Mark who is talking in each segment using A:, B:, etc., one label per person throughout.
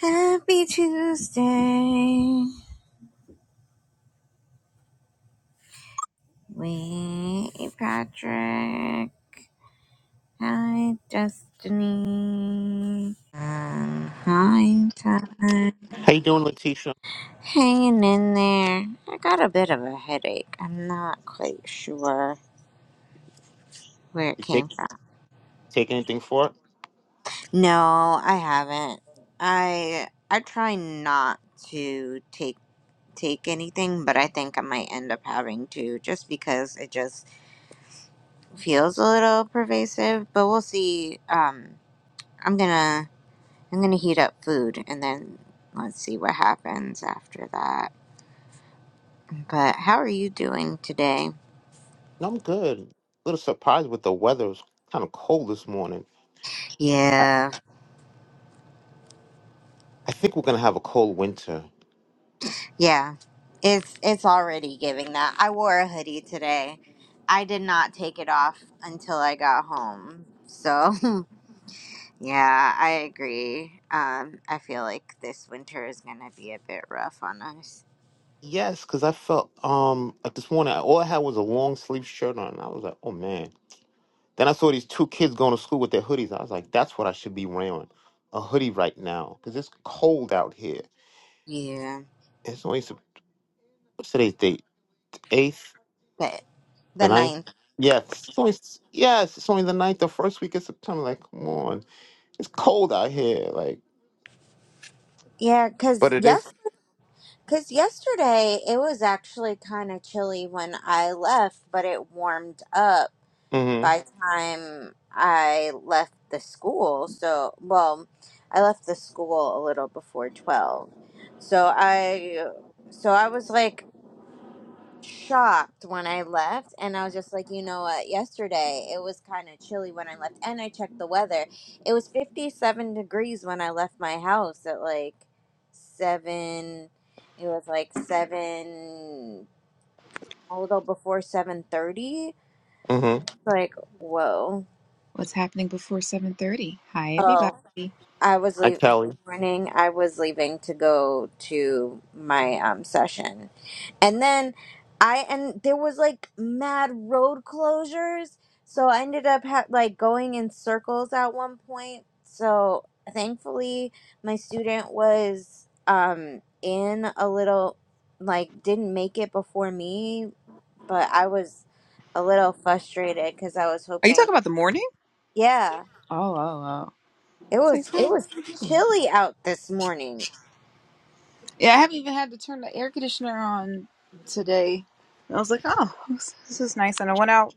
A: Happy Tuesday with Patrick. Hi, Destiny. Um, hi, Todd.
B: How you doing, Letitia?
A: Hanging in there. I got a bit of a headache. I'm not quite sure where it
B: You take
A: came from.
B: take anything for it?
A: No, I haven't. I I try not to take take anything, but I think I might end up having to just because it just feels a little pervasive, but we'll see. Um, I'm gonna I'm gonna heat up food and then let's see what happens after that. But how are you doing today?
B: No, I'm good. A little surprised with the weather. It was kind of cold this morning.
A: Yeah,
B: I think we're gonna have a cold winter.
A: yeah. It's it's already giving that. I wore a hoodie today. I did not take it off until I got home. So yeah, I agree. Um, I feel like this winter is gonna be a bit rough on us.
B: Yes, because I felt um like this morning I- all I had was a long sleeve shirt on. And I was like, oh man. Then I saw these two kids going to school with their hoodies. I was like, that's what I should be wearing, a hoodie right now, because it's cold out here.
A: Yeah,
B: It's only Sep- what's today's date? Eighth,
A: but
B: the
A: the
B: ninth.
A: ninth.
B: Yes, it's only yes, it's only the ninth, the first week of September. Like, come on. It's cold out here, like,
A: Yeah,
B: but
A: because
B: it is.
A: Because yesterday it was actually kind of chilly when I left, but it warmed up
B: Mm-hmm.
A: by the time I left the school. So, well, I left the school a little before 12. So I so I was like shocked when I left. And I was just like, you know what? Yesterday it was kind of chilly when I left. And I checked the weather. It was 57 degrees when I left my house at like 7. It was like 7, a little before 7.30.
B: Mm-hmm.
A: Like, whoa.
C: What's happening before 7.30? Hi, everybody.
A: Oh,
C: Are
A: I was
B: Hi,
A: leaving.
B: Kelly.
A: Morning, I was leaving to go to my um, session. and then i and there was like mad road closures so i ended up ha- like going in circles at one point so thankfully my student was um in a little like didn't make it before me but i was a little frustrated because i was
C: you
A: hoping
C: talking about the morning?
A: yeah
C: Oh, oh, oh.
A: it
C: It's like
A: was it
C: 7,
A: was
C: 7:30.
A: chilly out this morning
C: Yeah, I haven't even had to turn the air conditioner on today. And I was like, oh, this this is nice. And I went out.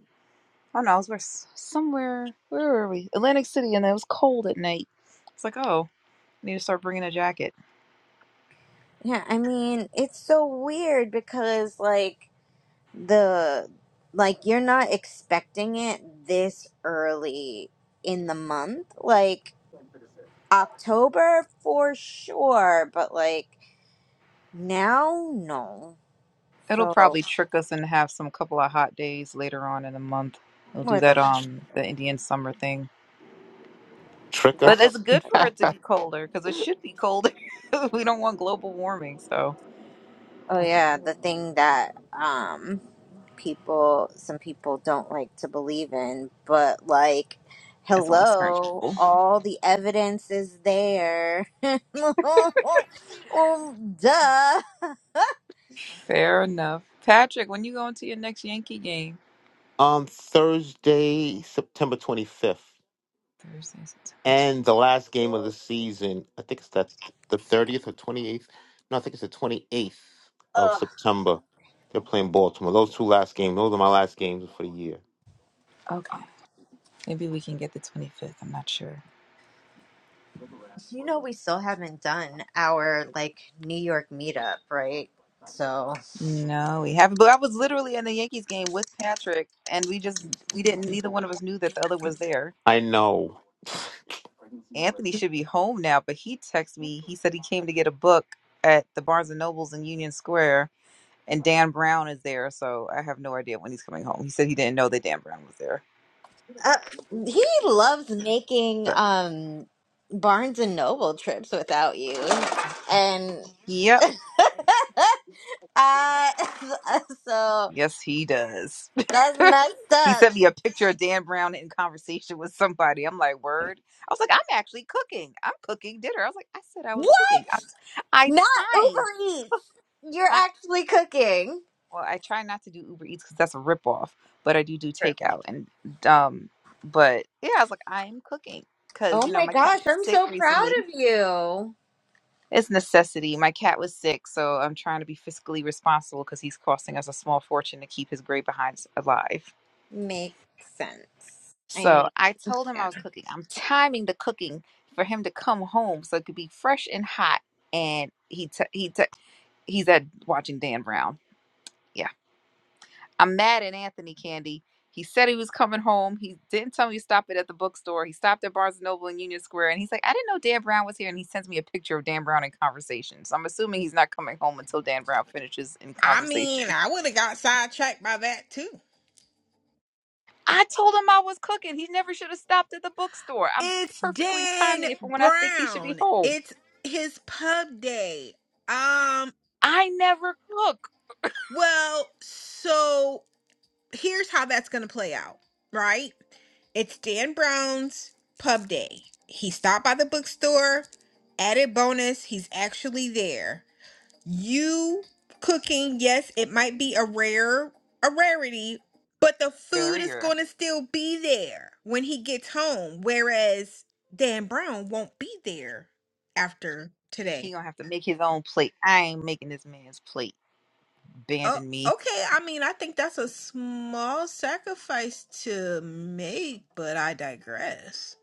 C: I don't know. I was where, somewhere. Where were we? Atlantic City, and it was cold at night. It's like, oh, I need to start bringing a jacket.
A: yeah i mean it's so weird because like the like you're not expecting it this early in the month like october for sure but like now no
C: It'll
A: so
C: probably trick us and have some couple of hot days later on in the month. It'll do
A: more than
C: that
A: like,
C: um the Indian summer thing.
A: you
B: Trick
C: But
A: gotta
C: it's
B: us.
C: good for it to be colder because it should be colder. we don't want global warming, so
A: oh yeah the thing that um people some people don't like to believe in but like
C: that's only certain
A: hello
C: people.
A: all the evidence is there well duh
C: Fair enough. Patrick, when you going to your next Yankee game?
B: Um, Thursday, September 25th,
C: Thursday, September 20th.
B: and the last game of the season. I think it's that the 30th or 28th. No, I think it's the 28th of
A: Ugh.
B: September. They're playing Baltimore. Those two last games. Those are my last games for the year.
C: Okay. Maybe we can get the 25th. I'm not sure.
A: You know, we still haven't done our like New York meetup, right? So
C: No, we haven't. But I was literally in the Yankees game with Patrick, and we just, we didn't, neither one of us knew that the other was there.
B: I know.
C: Anthony should be home now, but he texted me. He said he came to get a book at the Barnes and Nobles in Union Square and Dan Brown is there, so I have no idea when he's coming home. He said he didn't know that Dan Brown was there.
A: uh, he loves making
C: So,
A: um Barnes and Noble trips without you, and
C: Yep.
A: uh, so
C: Yes, he does.
A: that's messed
C: he
A: up.
C: sent me a picture of Dan Brown in conversation with somebody. I'm like, word. I was like, I'm actually cooking. I'm cooking dinner. I was like, I said I was
A: What?
C: cooking. I, I
A: Not
C: timed.
A: Uber Eats. You're
C: I
A: actually cooking.
C: well, I try not to do Uber Eats because that's a ripoff, but I do do
A: Sure.
C: takeout and um. But yeah, I was like, I am cooking because
A: Oh
C: you know
A: my
C: my cat
A: gosh,
C: was
A: I'm
C: sick
A: so proud
C: recently
A: of you.
C: It's necessity. My cat was sick, so I'm trying to be fiscally responsible because he's costing us a small fortune to keep his gray behinds alive.
A: Makes sense. I
C: So
A: mean,
C: I told him I
A: yeah,
C: was cooking. I'm timing the cooking for him to come home so it could be fresh and hot. And he t- he t- he's at watching Dan Brown. Yeah. I'm mad at Anthony Candy. He said he was coming home. He didn't tell me to stop it at the bookstore. He stopped at Barnes and Noble in Union Square, and he's like, "I didn't know Dan Brown was here." And he sends me a picture of Dan Brown in conversation. So I'm assuming he's not coming home until Dan Brown finishes in
D: I mean,
C: conversation.
D: I would have got sidetracked by that too.
C: I told him I was cooking. He never should have stopped at the bookstore. I'm
D: It's
C: perfectly
D: Dan
C: timing it for when I think he should be
D: Brown.
C: home.
D: It's his pub day. Um,
C: I never cook.
D: well, so here's how that's going to play out, right? It's Dan Brown's pub day. He stopped by the bookstore, added bonus, he's actually there. you cooking yes it might be a rare a rarity but the food
C: Very
D: is
C: rare.
D: going to still be there when he gets home whereas dan brown won't be there after
C: He
D: today
C: gonna have to make his own plate. I ain't making this man's plate.
D: oh
C: Abandon me.
D: okay i mean i think that's a small sacrifice to make but i digress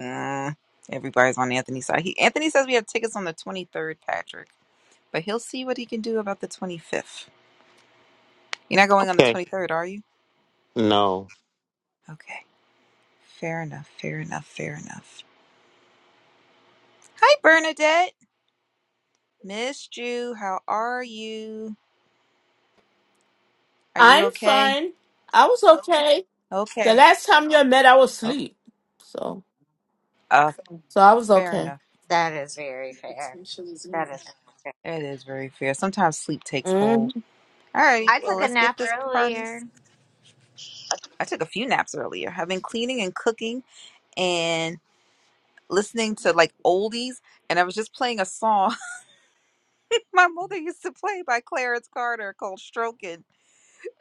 C: Uh, everybody's on Anthony's side. He, Anthony says we have tickets on the 23rd, Patrick, but he'll see what he can do about the 25th. You're not going on the
B: Okay.
C: 23rd, are you?
B: No.
C: Okay. Fair enough. Fair enough. Fair enough. Hi, Bernadette. Missed you. How are you? Are you
E: I'm
C: okay?
E: fine. I was okay. The
C: Okay.
E: last time you met, I was
C: Oh,
E: asleep. So,
C: uh,
E: so I was
C: fair
E: okay.
C: enough.
A: that is very fair. That is.
C: It is very fair. Sometimes sleep takes hold.
E: Mm,
C: All right.
A: I
C: Well,
A: took a
C: let's get
A: nap
C: this party.
A: earlier.
C: I took a few naps earlier. I've been cleaning and cooking and. listening
E: I
C: to like oldies and I was just playing a song my mother used to play by Clarence Carter called Stroking.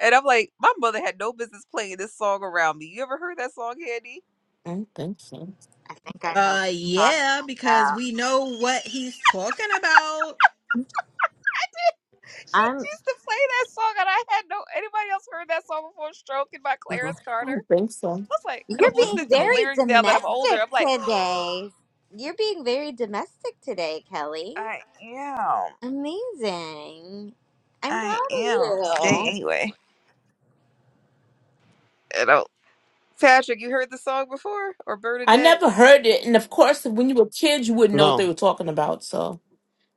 C: And I'm like, my mother had no business playing this song around me. You ever heard that song, Handy?
E: don't think so.
A: I think I know what
D: uh
A: you're
D: yeah
A: talking
D: because we know what he's talking about
A: about.
C: She
A: I'm.
C: used to play that song and I had no anybody else heard that song before Stroking by Clarence
E: I
C: Carter.
E: don't think so.
C: I was like, and I'm
A: You're being
C: listening to the
A: very
C: lyrics now that I'm older.
A: domestic
C: I'm like,
A: today. You're being very domestic today, Kelly.
C: I am.
A: Amazing. I'm
C: I
A: proud
C: am
A: of
C: today
A: you.
C: anyway. And I, Patrick, you heard the song before? Or
E: I
C: Bernadette?
E: never heard it. And of course, when you were kids, you wouldn't know what they
B: No.
E: were talking about. So,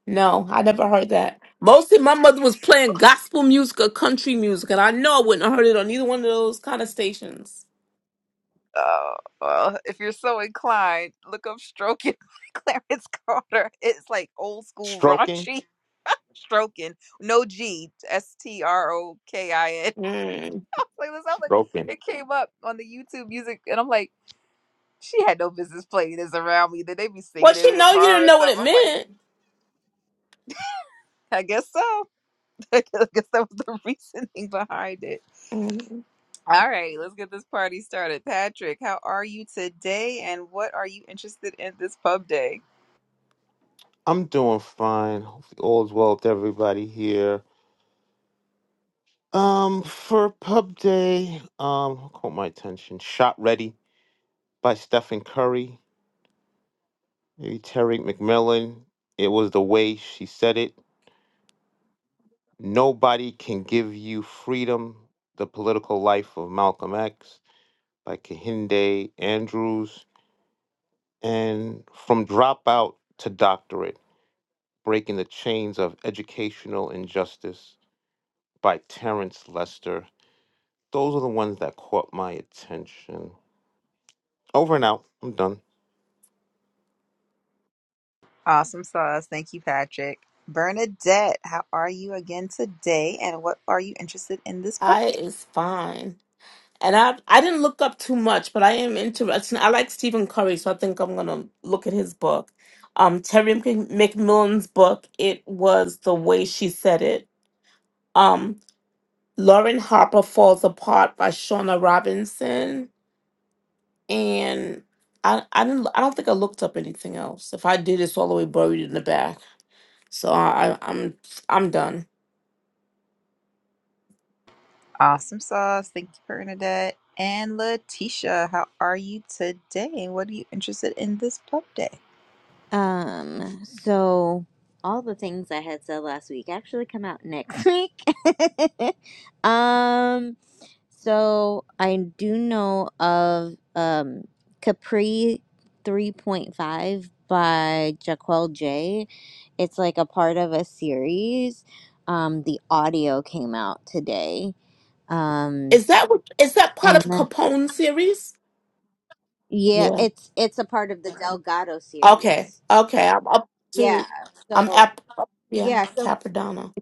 E: no, I never heard that. Mostly my mother was playing gospel music or country music. And I know I wouldn't have heard it on either one of those kind of stations.
C: Oh, well, if you're so inclined, look up stroking by Clarence Carter. It's like old school
B: Stroking.
C: raunchy stroking. No G, S T R O K I N.
E: Mm.
C: Like this, I was like,
B: Stroking.
C: it came up on the YouTube music, and I'm like, she had no business playing this around me. Then they be singing
E: But
C: it
E: you
C: in a
E: know, you
C: car
E: didn't
C: or
E: know what
C: stuff.
E: it
C: I'm like,
E: meant.
C: I guess so. I guess that was the reasoning behind it.
E: Mm.
C: All right, let's get this party started. Patrick, how are you today, and what are you interested in this pub day?
B: I'm doing fine. Hopefully all's well with everybody here. Um, for Pub Day, um, who caught my attention? Shot Ready by Stephen Curry, maybe Terry McMillan. It was the way she said it. Nobody can give you freedom. The Political Life of Malcolm X by Kehinde Andrews. And From Dropout to Doctorate Breaking the Chains of Educational Injustice by Terrence Lester. Those are the ones that caught my attention. Over and out. I'm done.
C: Awesome sauce. Thank you, Patrick. Bernadette, how are you again today? And what are you interested in this pub
E: I
C: day?
E: is fine. And I I didn't look up too much, but I am interested. I like Stephen Curry, so I think I'm gonna look at his book. Um, Terry Mc- McMillan's book. It was the way she said it. Um, Lauren Harper falls apart by Shauna Robinson, and I I didn't I don't think I looked up anything else. If I did, it's all the way buried in the back. So I, I I'm I'm done.
C: Awesome sauce. Thank you, Bernadette. And Letitia, how are you today? And what are you interested in this pub day?
A: Um. So all the things I had said last week actually come out next week. um. So I do know of um, Capri 3.5 by Jaquel J. It's like a part of a series. Um, the audio came out today. Um,
E: Is that what is that part
A: and
E: of
A: the-
E: Capone series?
A: yeah, it's it's a part of the Delgado
E: Okay,
A: series.
E: okay. I'm up
A: Yeah.
E: to. I'm
A: So
E: up. up- Yeah,
A: yeah, so
E: Capodanno.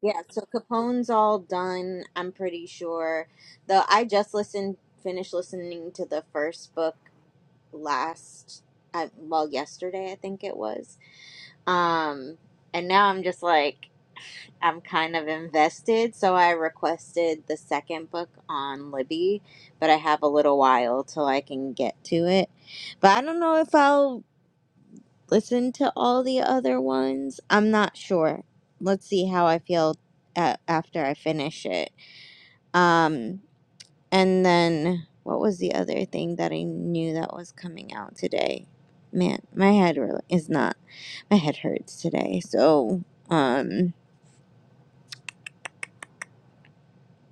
A: yeah, so Capone's all done, I'm pretty sure. Though I just listened finished listening to the first book last uh, well yesterday i think it was um and now i'm just like i'm kind of invested so i requested the second book on libby but i have a little while till i can get to it but i don't know if i'll listen to all the other ones i'm not sure let's see how i feel a after i finish it Um, and then what was the other thing that I knew that was coming out today? Man, my head really is not. My head hurts today. So, um,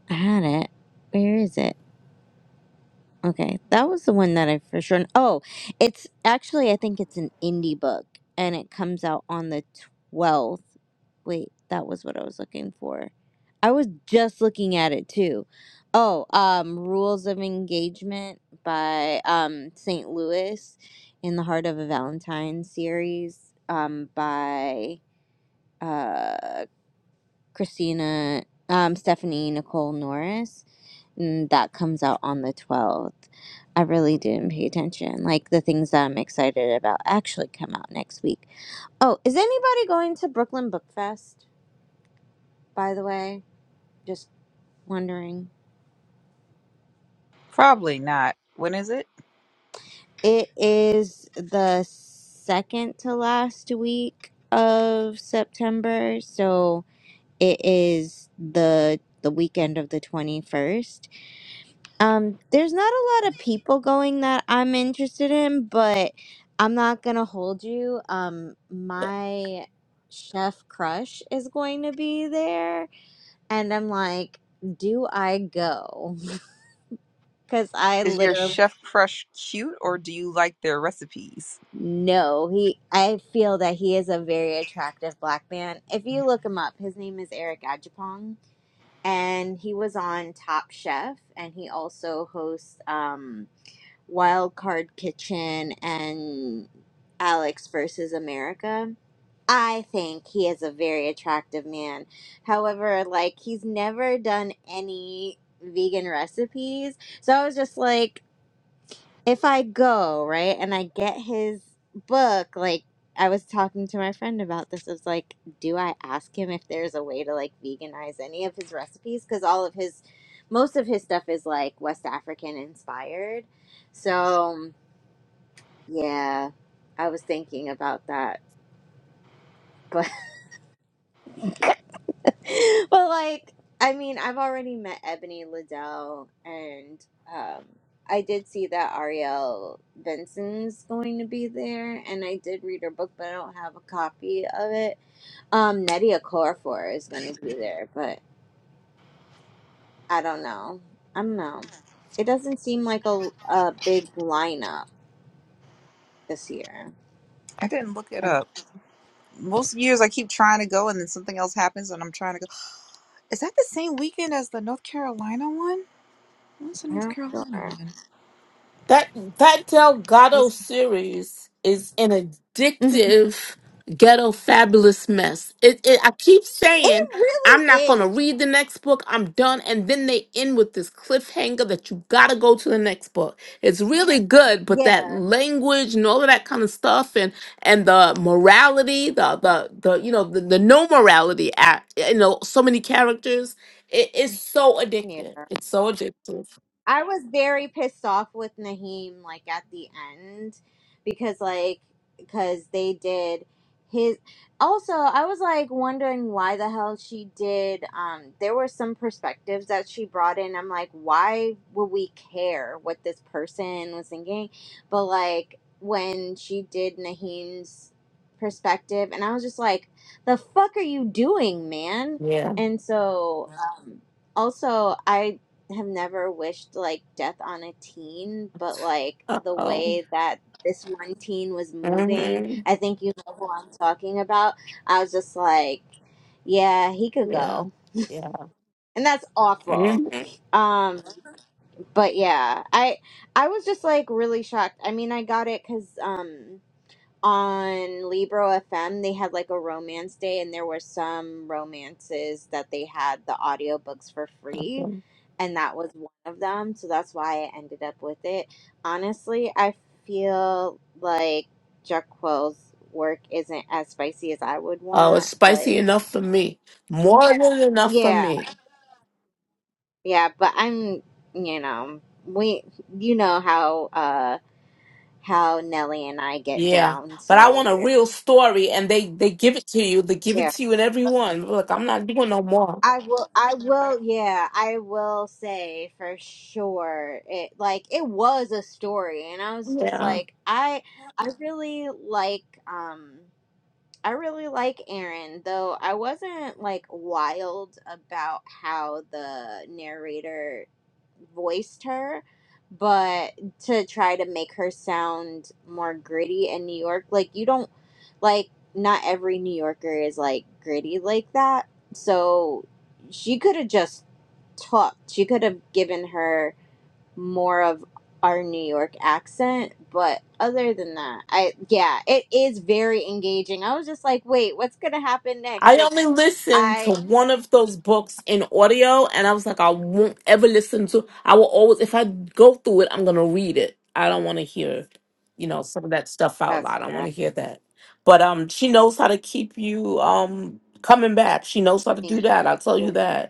A: I had it. Where is it? Okay, that was the one that I for sure. Oh, it's actually I think it's an indie book, and it comes out on the twelfth. Wait, that was what I was looking for. I was just looking at it too. Oh, um, Rules of Engagement by um St. Louis in the Heart of a Valentine series um by uh Christina um Stephanie Nicole Norris mm, that comes out on the 12th. I really didn't pay attention. Like the things that I'm excited about actually come out next week. Oh, is anybody going to Brooklyn Book Fest, by the way? Just wondering.
C: Probably not. When is it?
A: It is the second to last week of September, so it is the the weekend of the 21st. Um, there's not a lot of people going that I'm interested in, but I'm not gonna hold you. Um, my chef crush is going to be there, and I'm like, do I go? Because I
C: Is your
A: literally
C: chef crush cute or do you like their recipes?
A: no. He, I feel that he is a very attractive black man. If you look him up, his name is Eric Ajapong, and he was on Top Chef, and he also hosts. Um, Wild Card Kitchen and Alex versus America. I think he is a very attractive man. However, like he's never done any vegan recipes. So I was just like, if I go, right, and I get his book, like I was talking to my friend about this. I was like, do I ask him if there's a way to like veganize any of his recipes? Because all of his, most of his stuff is like West African inspired. So yeah, I was thinking about that, but but like I mean, I've already met Ebony Liddell, and um, I did see that Ariel Benson's going to be there, and I did read her book, but I don't have a copy of it. Um, Nnedi Okorafor is going to be there, but I don't know. I don't know. It doesn't seem like a a big lineup this year.
C: I didn't look it
A: I'm
C: up. Most years I keep trying to go and then something else happens and I'm trying to go. Is that the same weekend as the North Carolina one? What's the North
A: not
C: Carolina
A: sure.
C: one?
E: That that Delgado series is an
A: Mhm.
E: addictive ghetto fabulous mess. It, it I keep
A: It
E: saying I'm
A: really
E: not gonna
A: is.
E: read the next book. I'm done, and then they end with this cliffhanger that you gotta go to the next book. It's really good, but
A: Yeah.
E: that language and all of that kind of stuff, and and the morality, the the the you know the, the no morality act. You know, so many characters. It is so
A: Yeah.
E: addictive. It's so addictive.
A: I was very pissed off with Naheem like at the end because like because they did his also I was like wondering why the hell she did um there were some perspectives that she brought in. I'm like why would we care what this person was thinking? But like when she did Naheem's perspective and I was just like the fuck are you doing, man?
E: Yeah.
A: And so um also I have never wished like death on a teen, but like
E: Uh
A: the
E: oh.
A: way that this one teen was moving,
E: hmm
A: I think you know who I'm talking about. I was just like, yeah, he could
E: Yeah.
A: go.
E: Yeah.
A: And that's awful.
E: hmm
A: Um but yeah, I I was just like really shocked. I mean, I got it cuz um on Libro FM, they had like a romance day, and there were some romances that they had the audiobooks for free, and that was one of them. So that's why I ended up with it. Honestly, I feel like Jacquel's work isn't as spicy as I would
E: Oh, it's
A: want, but
E: spicy enough for me. More than enough for
A: yeah,
E: me.
A: yeah, but I'm, you know, we, you know how, uh, how Nelly and I get
E: Yeah.
A: down,
E: But I
A: so
E: want a
A: we're,
E: real story and they they give it to you. They give
A: yeah.
E: it to you in every one. Look, I'm not doing no more.
A: I will. I will. Yeah, I will say for sure. It like it was a story, and I was just
E: Yeah.
A: like, I, I really like. Um, I really like Aaron, though I wasn't like wild about how the narrator voiced her, but to try to make her sound more gritty in New York, like you don't like not every New Yorker is like gritty like that. So she could have just talked. She could have given her more of our New York accent, but other than that, I yeah, it is very engaging. I was just like, wait, what's gonna happen next?
E: I
A: Like
E: only listened to
A: I
E: one of those books in audio, and I was like, I won't ever listen to. I will always, if I go through it, I'm gonna read it. I don't want to hear, you know, some of that stuff out
A: that's
E: loud. I don't
A: where
E: want
A: I
E: to hear that. But um, she knows how to keep you um coming back. She knows how to
A: think
E: do that. I'll tell you that.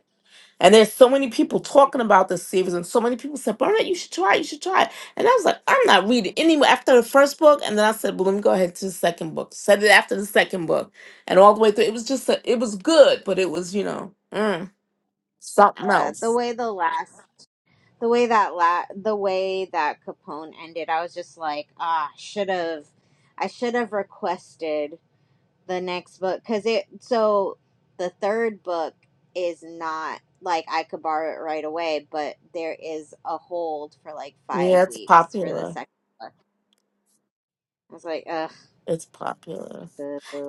E: And there's so many people talking about this series, and so many people said, Bernard, you should try it, you should try it. And I was like, I'm not reading anyway after the first book. And then I said, Well, let me go ahead to the second book. Said it after the second book. And all the way through, it was just, a, it was good, but it was, you know, mm, something
A: yeah, the
E: else.
A: way the last the way that la- the way that Capone ended, I was just like, ah, should have, I should have requested the next book because it. So the third book is not like I could borrow it right away, but there is a hold for like five
E: Yeah, it's
A: weeks for the
E: popular.
A: second book. I was like, ugh,
E: It's popular.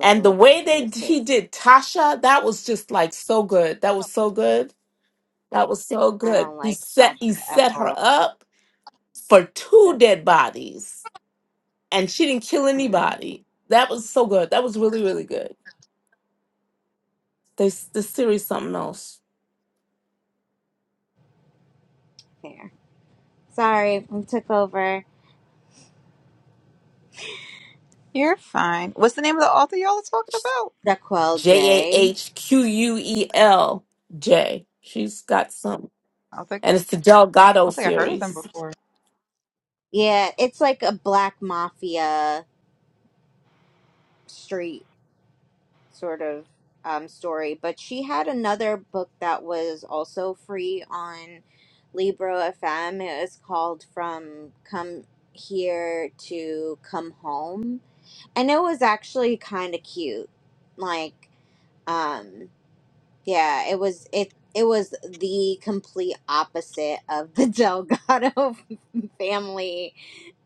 E: And the way they
A: hiss,
E: d-
A: hiss.
E: he did Tasha, that was just like so good. That was so good. That was so
A: I
E: good.
A: don't
E: He
A: like
E: set he
A: Tasha at
E: set her
A: all.
E: up for two
A: Good.
E: dead bodies and she didn't kill
A: Hmm,
E: anybody. That was so good. That was really really good. This this series something else.
A: fair. Sorry, I took over.
C: You're fine. What's the name of the author y'all was talking about?
A: Jaquel
E: J A
A: J.
E: H Q U E L J. She's got some,
C: I don't think
E: and
C: I
E: it's the Delgado
C: don't think I heard of them
E: series.
C: before.
A: Yeah, it's like a black mafia street sort of um, story. But she had another book that was also free on Libro FM. It was called From Come Here to Come Home. And it was actually kind of cute. Like, um, Yeah, it was it it was the complete opposite of the Delgado family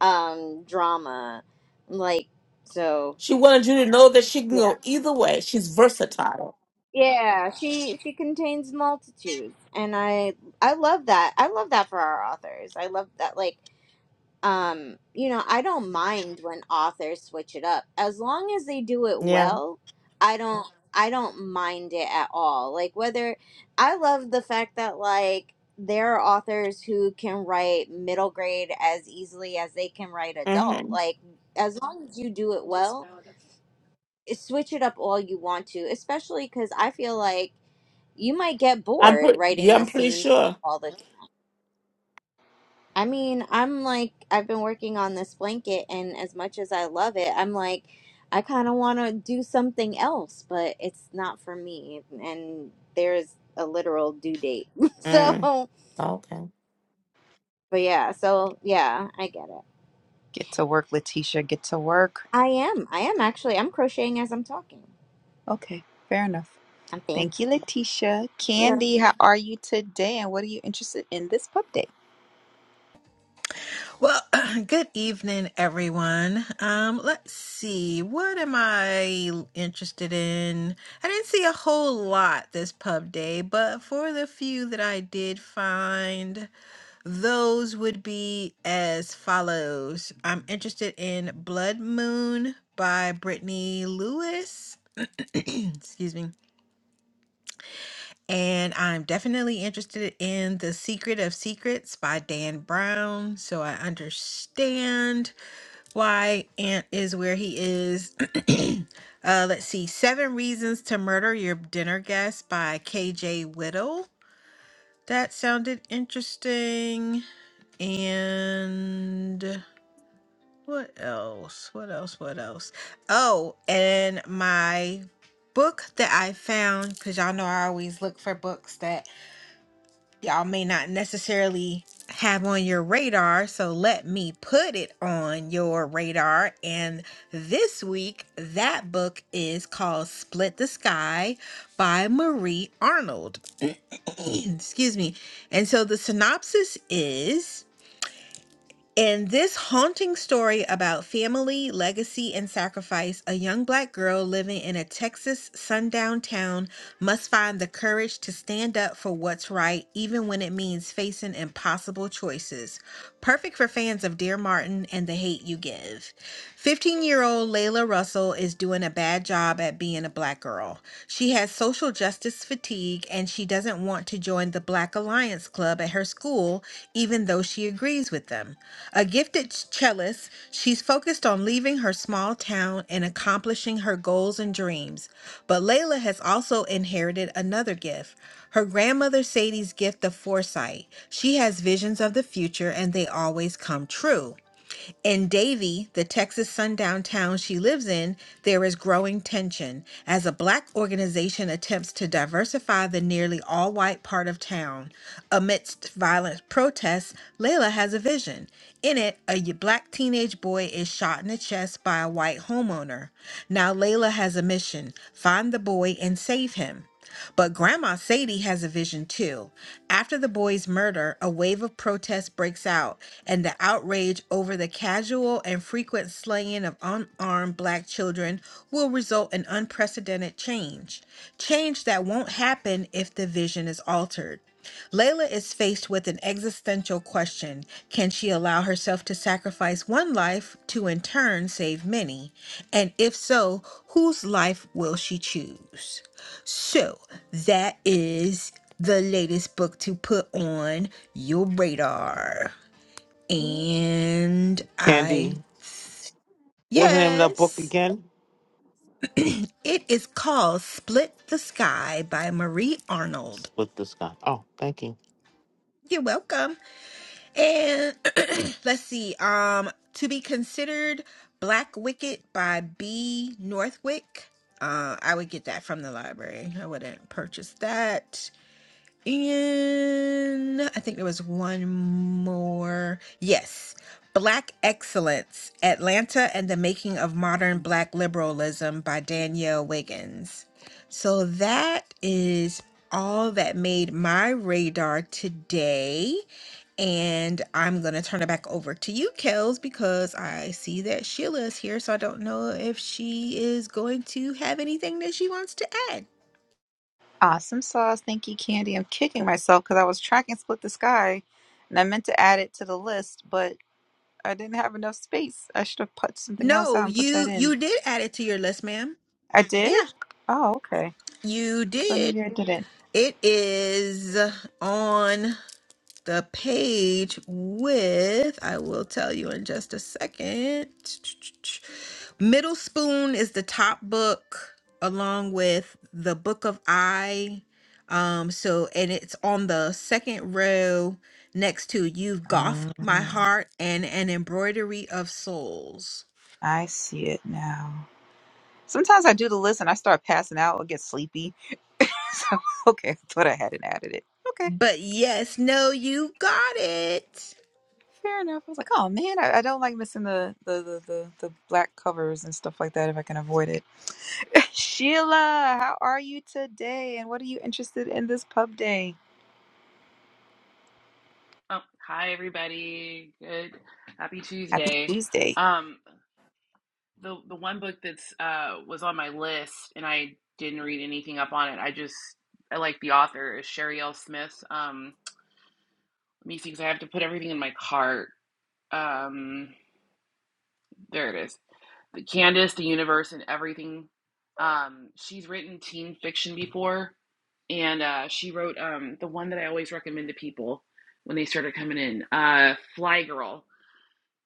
A: um drama. Like so
E: She wanted you to know that she can
A: yeah.
E: go either way. She's versatile.
A: Yeah, she she contains multitudes and I I love that. I love that for our authors. I love that like um you know i don't mind when authors switch it up as long as they do it
E: Yeah.
A: well i don't Mhm. i don't mind it at all like whether i love the fact that like there are authors who can write middle grade as easily as they can write adult
E: Mm-hmm.
A: like as long as you do it well eh, switch it up all you want to especially because i feel like you might get
E: I'm
A: bored
E: pretty. Yeah,
A: writing the
E: I'm pretty
A: same
E: sure.
A: all the I mean, I'm like, I've been working on this blanket, and as much as I love it, I'm like, I kind of want to do something else, but it's not for me. And there's a literal due date. so,
E: Mm.
A: but
E: Okay.
A: yeah, so yeah, I get it.
C: Get to work, Letitia. Get to work.
A: I am. I am actually. I'm crocheting as I'm talking.
C: Okay, fair enough.
A: I'm
C: Thank
A: fancy.
C: you, Letitia.
A: You know.
C: Candy, how are you today? And what are you interested in this pub day?
D: Well, good evening, everyone. Um, let's see, what am I interested in? I didn't see a whole lot this pub day, but for the few that I did find, those would be as follows. I'm interested in Blood Moon by Brittany Lewis. Excuse me. And I'm definitely interested in The Secret of Secrets by Dan Brown. So I understand why Ant is where he is. uh, let's see. Seven Reasons to Murder Your Dinner Guest by KJ Whittle. That sounded interesting. And what else? What else? What else? Oh, and my book that I found, because y'all know I always look for books that y'all may not necessarily have on your radar. So let me put it on your radar. And this week, that book is called Split the Sky by Marie Arnold. Excuse me. And so the synopsis is. In this haunting story about family, legacy, and sacrifice, a young black girl living in a Texas sundown town must find the courage to stand up for what's right, even when it means facing impossible choices. Perfect for fans of Dear Martin and The Hate You Give. 15 year old Layla Russell is doing a bad job at being a black girl. She has social justice fatigue and she doesn't want to join the Black Alliance Club at her school, even though she agrees with them. A gifted cellist, she's focused on leaving her small town and accomplishing her goals and dreams. But Layla has also inherited another gift her grandmother Sadie's gift of foresight. She has visions of the future and they always come true. In Davie, the Texas sundown town she lives in, there is growing tension as a black organization attempts to diversify the nearly all white part of town. Amidst violent protests, Layla has a vision. In it, a y- black teenage boy is shot in the chest by a white homeowner. Now, Layla has a mission find the boy and save him. But Grandma Sadie has a vision too. After the boy's murder, a wave of protest breaks out, and the outrage over the casual and frequent slaying of unarmed black children will result in unprecedented change. Change that won't happen if the vision is altered. Layla is faced with an existential question. Can she allow herself to sacrifice one life to in turn save many? And if so, whose life will she choose? So that is the latest book to put on your radar.
E: Mm.
D: And I,
B: Candy. What's the name of that book
D: yes,
B: again?
D: it is called Split the Sky by Marie Arnold.
B: Split the sky. Oh, thank you.
D: You're welcome. And let's see, um, to be considered Black Wicked by B. Northwick. Uh, I would get that from the library. I wouldn't purchase that. And I think there was one more. Yes. Black Excellence Atlanta and the Making of Modern Black Liberalism by Danielle Wiggins. So that is all that made my radar today. And I'm going to turn it back over to you, Kels, because I see that Sheila is here. So I don't know if she is going to have anything that she wants to add.
C: Awesome sauce. Thank you, Candy. I'm kicking myself because I was tracking Split the Sky and I meant to add it to the list, but I didn't have enough space. I should have put something else
D: No,
C: out and put that
D: you
C: in.
D: you did add it to your list, ma'am.
C: I
D: Yeah,
C: did? Oh, okay.
D: you
C: But
D: did.
C: maybe I didn't.
D: It is on the page with, I will tell you in just a second. Middle Spoon is the top book, along with the Book of I. Um, so, and it's on the second row next to You've Goth My
C: Ah,
D: Heart and An Embroidery of Souls.
C: I see it now. Sometimes I do the list and I start passing out or get sleepy. so, okay, I thought I hadn't added it. Okay,
D: But yes, no, you got it.
C: fair enough. I was like, oh man, I, I don't like missing the the, the the the black covers and stuff like that if I can avoid it. Sheila, how are you today? And what are you interested in this pub day?
F: Oh, hi everybody. Good. Happy
C: Happy
F: Tuesday.
C: Tuesday.
F: Um the the one book that's uh was on my list and I didn't read anything up on it. I just I like the author is Sherry L. Smith. Um let me see because I have to put everything in my cart. Um there it is. The Candace, the universe and everything. Um she's written teen fiction before and uh she wrote um the one that I always recommend to people when they started coming in, uh Fly Girl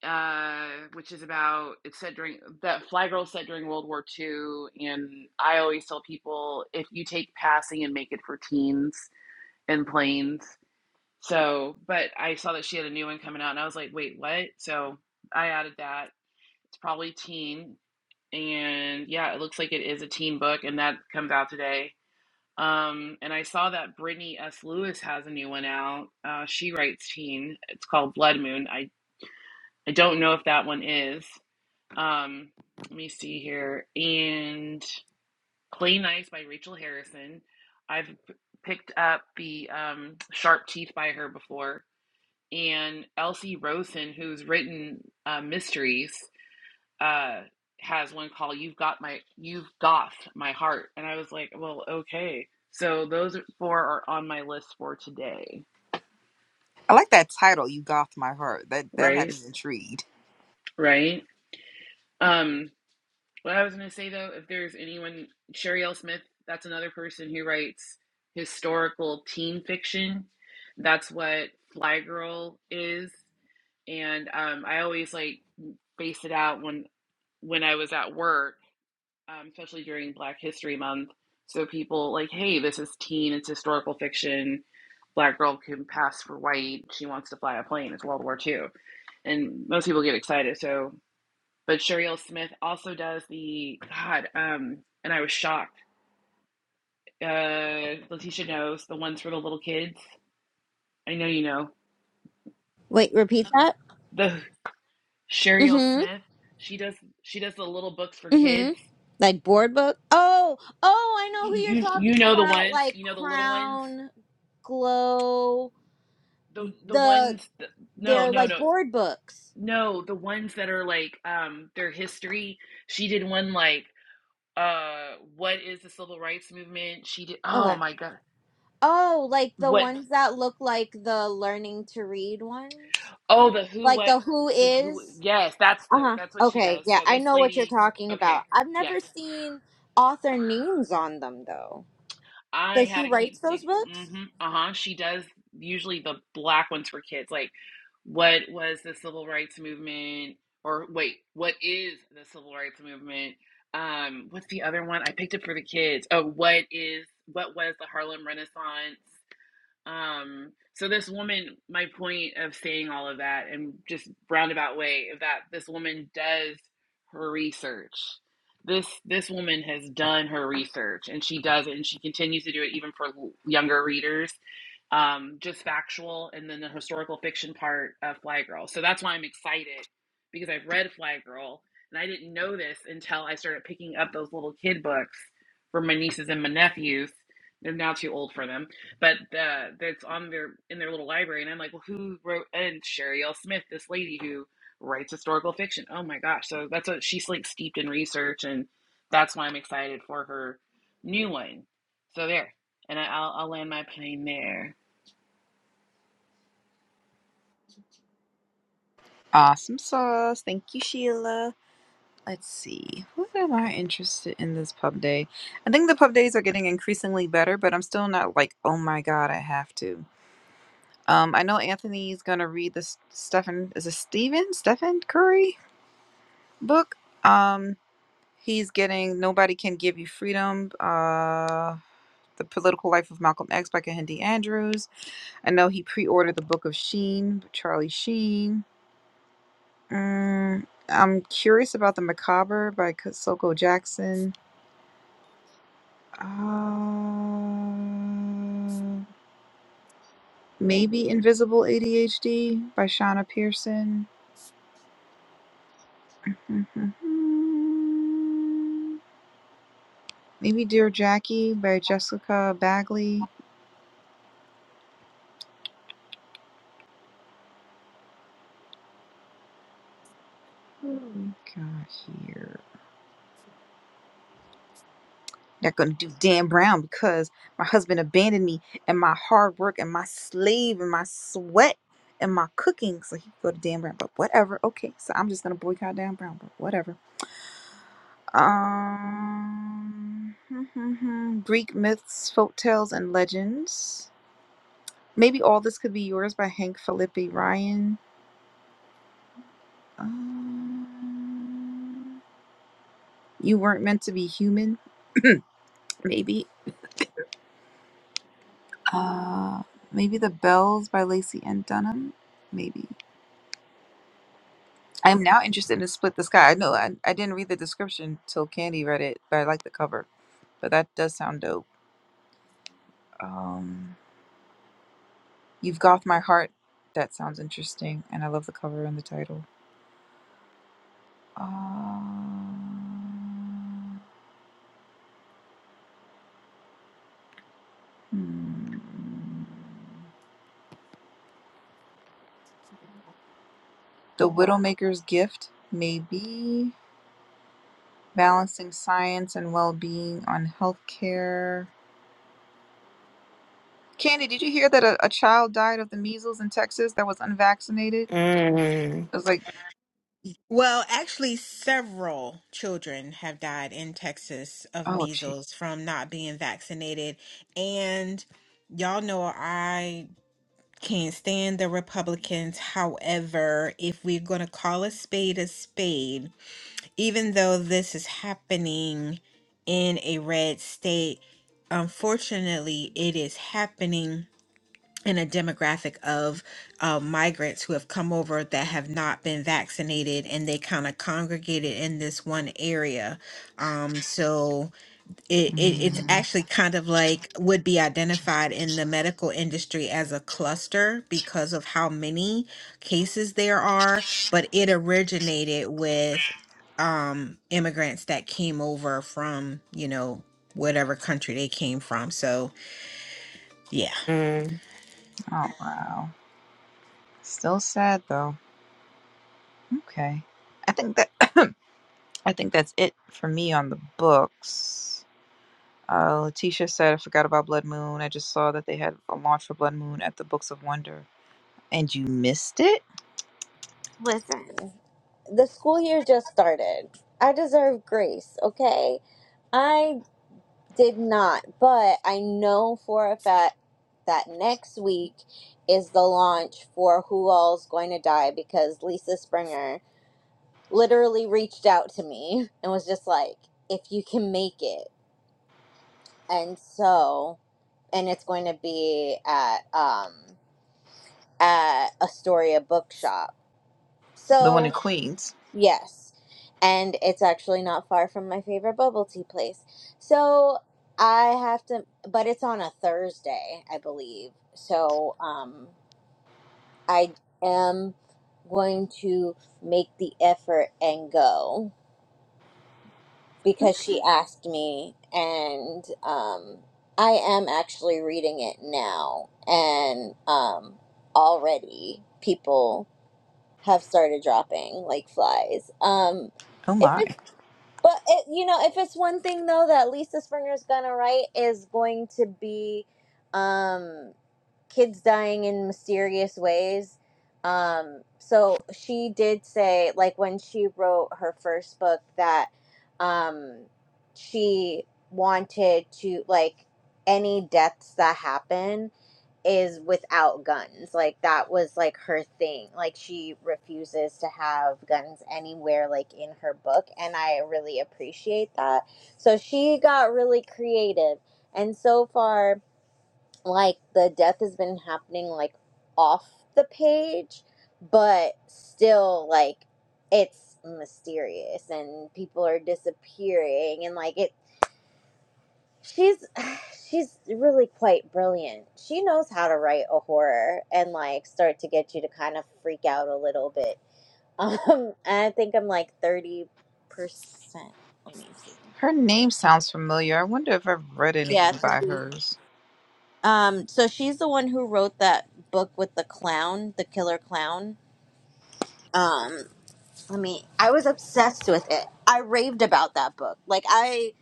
F: uh, which is about it's set during that Fly Girl set during World War Two, And I always tell people if you take passing and make it for teens and planes. So, but I saw that she had a new one coming out, and I was like, wait, what? So I added that. It's probably teen, and yeah, it looks like it is a teen book, and that comes out today. Um, and I saw that Brittany S. Lewis has a new one out. Uh, she writes teen. It's called Blood Moon. I I don't know if that one is. Um, let me see here. And Play Nice by Rachel Harrison. I've p- picked up the um, Sharp Teeth by her before. And Elsie Rosen, who's written uh, mysteries, uh, has one called "You've Got My You've Got My Heart," and I was like, "Well, okay." So those four are on my list for today,
C: I like that title, You Goth My Heart. That that had
F: right?
C: me intrigued.
F: Right. Um, What I was going to say though, if there's anyone, Sherry L. Smith, that's another person who writes historical teen fiction. That's what Fly Girl is, and um, I always like base it out when when I was at work, um, especially during Black History Month. So people like, hey, this is teen, it's historical fiction. Black girl can pass for white. She wants to fly a plane. It's World War Two, and most people get excited. So but Shuriel Smith also does the God, um, and I was shocked. Uh, Letitia knows the ones for the little kids. I know you know
A: Wait, repeat that?
F: the Shuriel
A: Mm
F: Smith. She does she does the little books for
A: hmm. Mm hmm.
F: kids.
A: Like board book? Oh, oh, I know who you're
F: You
A: talking
F: you know the
A: about.
F: ones
A: Like
F: you know the little ones
A: crown, glow,
F: the the
A: the.
F: ones that, no
A: They're
F: no
A: like
F: no
A: board books.
F: no the ones that are like um their history. She did one like uh what is the civil rights movement? She did oh
A: Okay.
F: my god
A: Oh, like the
F: what
A: ones that look like the learning to read ones?
F: Oh, the who,
A: Like
F: what,
A: the who
F: the who.
A: is?
F: Yes, that's the
A: Uh-huh.
F: that's what she
A: Okay,
F: does.
A: yeah,
F: So
A: I
F: this
A: know what you're
F: lady,
A: talking
F: okay,
A: about. I've
F: yes,
A: never seen author names on them though.
F: I
A: So
F: had
A: she
F: to
A: writes
F: keep
A: those
F: dig.
A: books?
F: hmm uh-huh. She does usually the black ones for kids. Like, what was the civil rights movement? Or wait, what is the civil rights movement? Um, what's the other one? I picked up for the kids. Oh, what is what was the Harlem Renaissance? Um, so this woman, my point of saying all of that and just roundabout way of that, this woman does her research. This this woman has done her research, and she does it, and she continues to do it even for younger readers. Um, just factual, and then the historical fiction part of Fly Girl. So that's why I'm excited because I've read Fly Girl, and I didn't know this until I started picking up those little kid books for my nieces and my nephews. They're now too old for them but uh, that's on their in their little library and i'm like well who wrote and sherry l smith this lady who writes historical fiction oh my gosh so that's what she's like steeped in research and that's why i'm excited for her new one so there and I, I'll, I'll land my plane there
C: Awesome sauce. Thank you, Sheila. Let's see. What am I interested in this pub day? I think the pub days are getting increasingly better, but I'm still not like, oh my god, I have to. Um, I know Anthony's gonna read this Stephen is it Stephen Stephen Curry book. Um, he's getting Nobody Can Give You Freedom. Uh, the Political Life of Malcolm X by Kahindi Andrews. I know he pre-ordered the book of Sheen, Charlie Sheen. Mm, I'm curious about the Macabre by Soko Jackson. Um, maybe Invisible ADHD by Shauna Pearson. Mm-hmm. Maybe Dear Jackie by Jessica Bagley. What do we got here? Not gonna do Dan Brown because my husband abandoned me and my hard work and my slave and my sweat and my cooking. So he could go to Dan Brown, but whatever. Okay, so I'm just gonna boycott Dan Brown, but whatever. Um, Greek myths, folk tales, and legends. Maybe all this could be yours by Hank Felipe Ryan. Um, you weren't meant to be human. maybe. Uh, maybe the bells by Lacey and Dunham. Maybe. I am now interested in Split the Sky. I know I, I didn't read the description till Candy read it, but I like the cover. But that does sound dope. Um. You've Got My Heart. That sounds interesting. And I love the cover and the title. Um, hmm. The Widowmaker's Gift, maybe. Balancing Science and Well Being on Healthcare. Candy, did you hear that a, a child died of the measles in Texas that was unvaccinated? I was like,
D: Well, actually, several children have died in Texas of
C: oh, gee.
D: measles from not being vaccinated. And y'all know I can't stand the Republicans. However, if we're going to call a spade a spade, even though this is happening in a red state, unfortunately, it is happening and a demographic of uh, migrants who have come over that have not been vaccinated and they kind of congregated in this one area um, so it, it, it's
C: Mm.
D: actually kind of like would be identified in the medical industry as a cluster because of how many cases there are but it originated with um, immigrants that came over from you know whatever country they came from so yeah
E: Mm.
C: Oh, wow. Still sad, though. Okay. I think that. I think that's it for me on the books. Uh, Letitia said, I forgot about Blood Moon. I just saw that they had a launch for Blood Moon at the Books of Wonder. And you missed it?
A: Listen, the school year just started. I deserve grace, okay? I. did not, but I know for a fact that next week is the launch for Who All's Going to Die because Lisa Springer literally reached out to me and was just like, if you can make it. And so, and it's going to be at, um, at Astoria Bookshop.
C: The one in
A: So,
C: Queens.
A: Yes. And it's actually not far from my favorite bubble tea place. So I have to, but it's on a Thursday, I believe. So um, I am going to make the effort and go because she asked me, and um, I am actually reading it now. And um, already people have started dropping like flies. Um,
C: Oh
A: if
C: my.
A: it's But it, you know, if it's one thing though that Lisa Springer's gonna write is going to be um, kids dying in mysterious ways. Um, so she did say, like when she wrote her first book, that um, she wanted to like any deaths that happen is without guns. Like that was like her thing. Like she refuses to have guns anywhere like in her book and I really appreciate that. So she got really creative. And so far like the death has been happening like off the page, but still like it's mysterious and people are disappearing and like it She's she's really quite brilliant. She knows how to write a horror and like start to get you to kind of freak out a little bit. Um, and I think I'm like thirty percent. Let me see.
C: Her name sounds familiar. I wonder if I've read
A: Yeah,
C: anything by
A: thirty.
C: hers.
A: Um, so she's the one who wrote that book with the clown, the killer clown. Um, let me. I was obsessed with it. I raved about that book. Like I,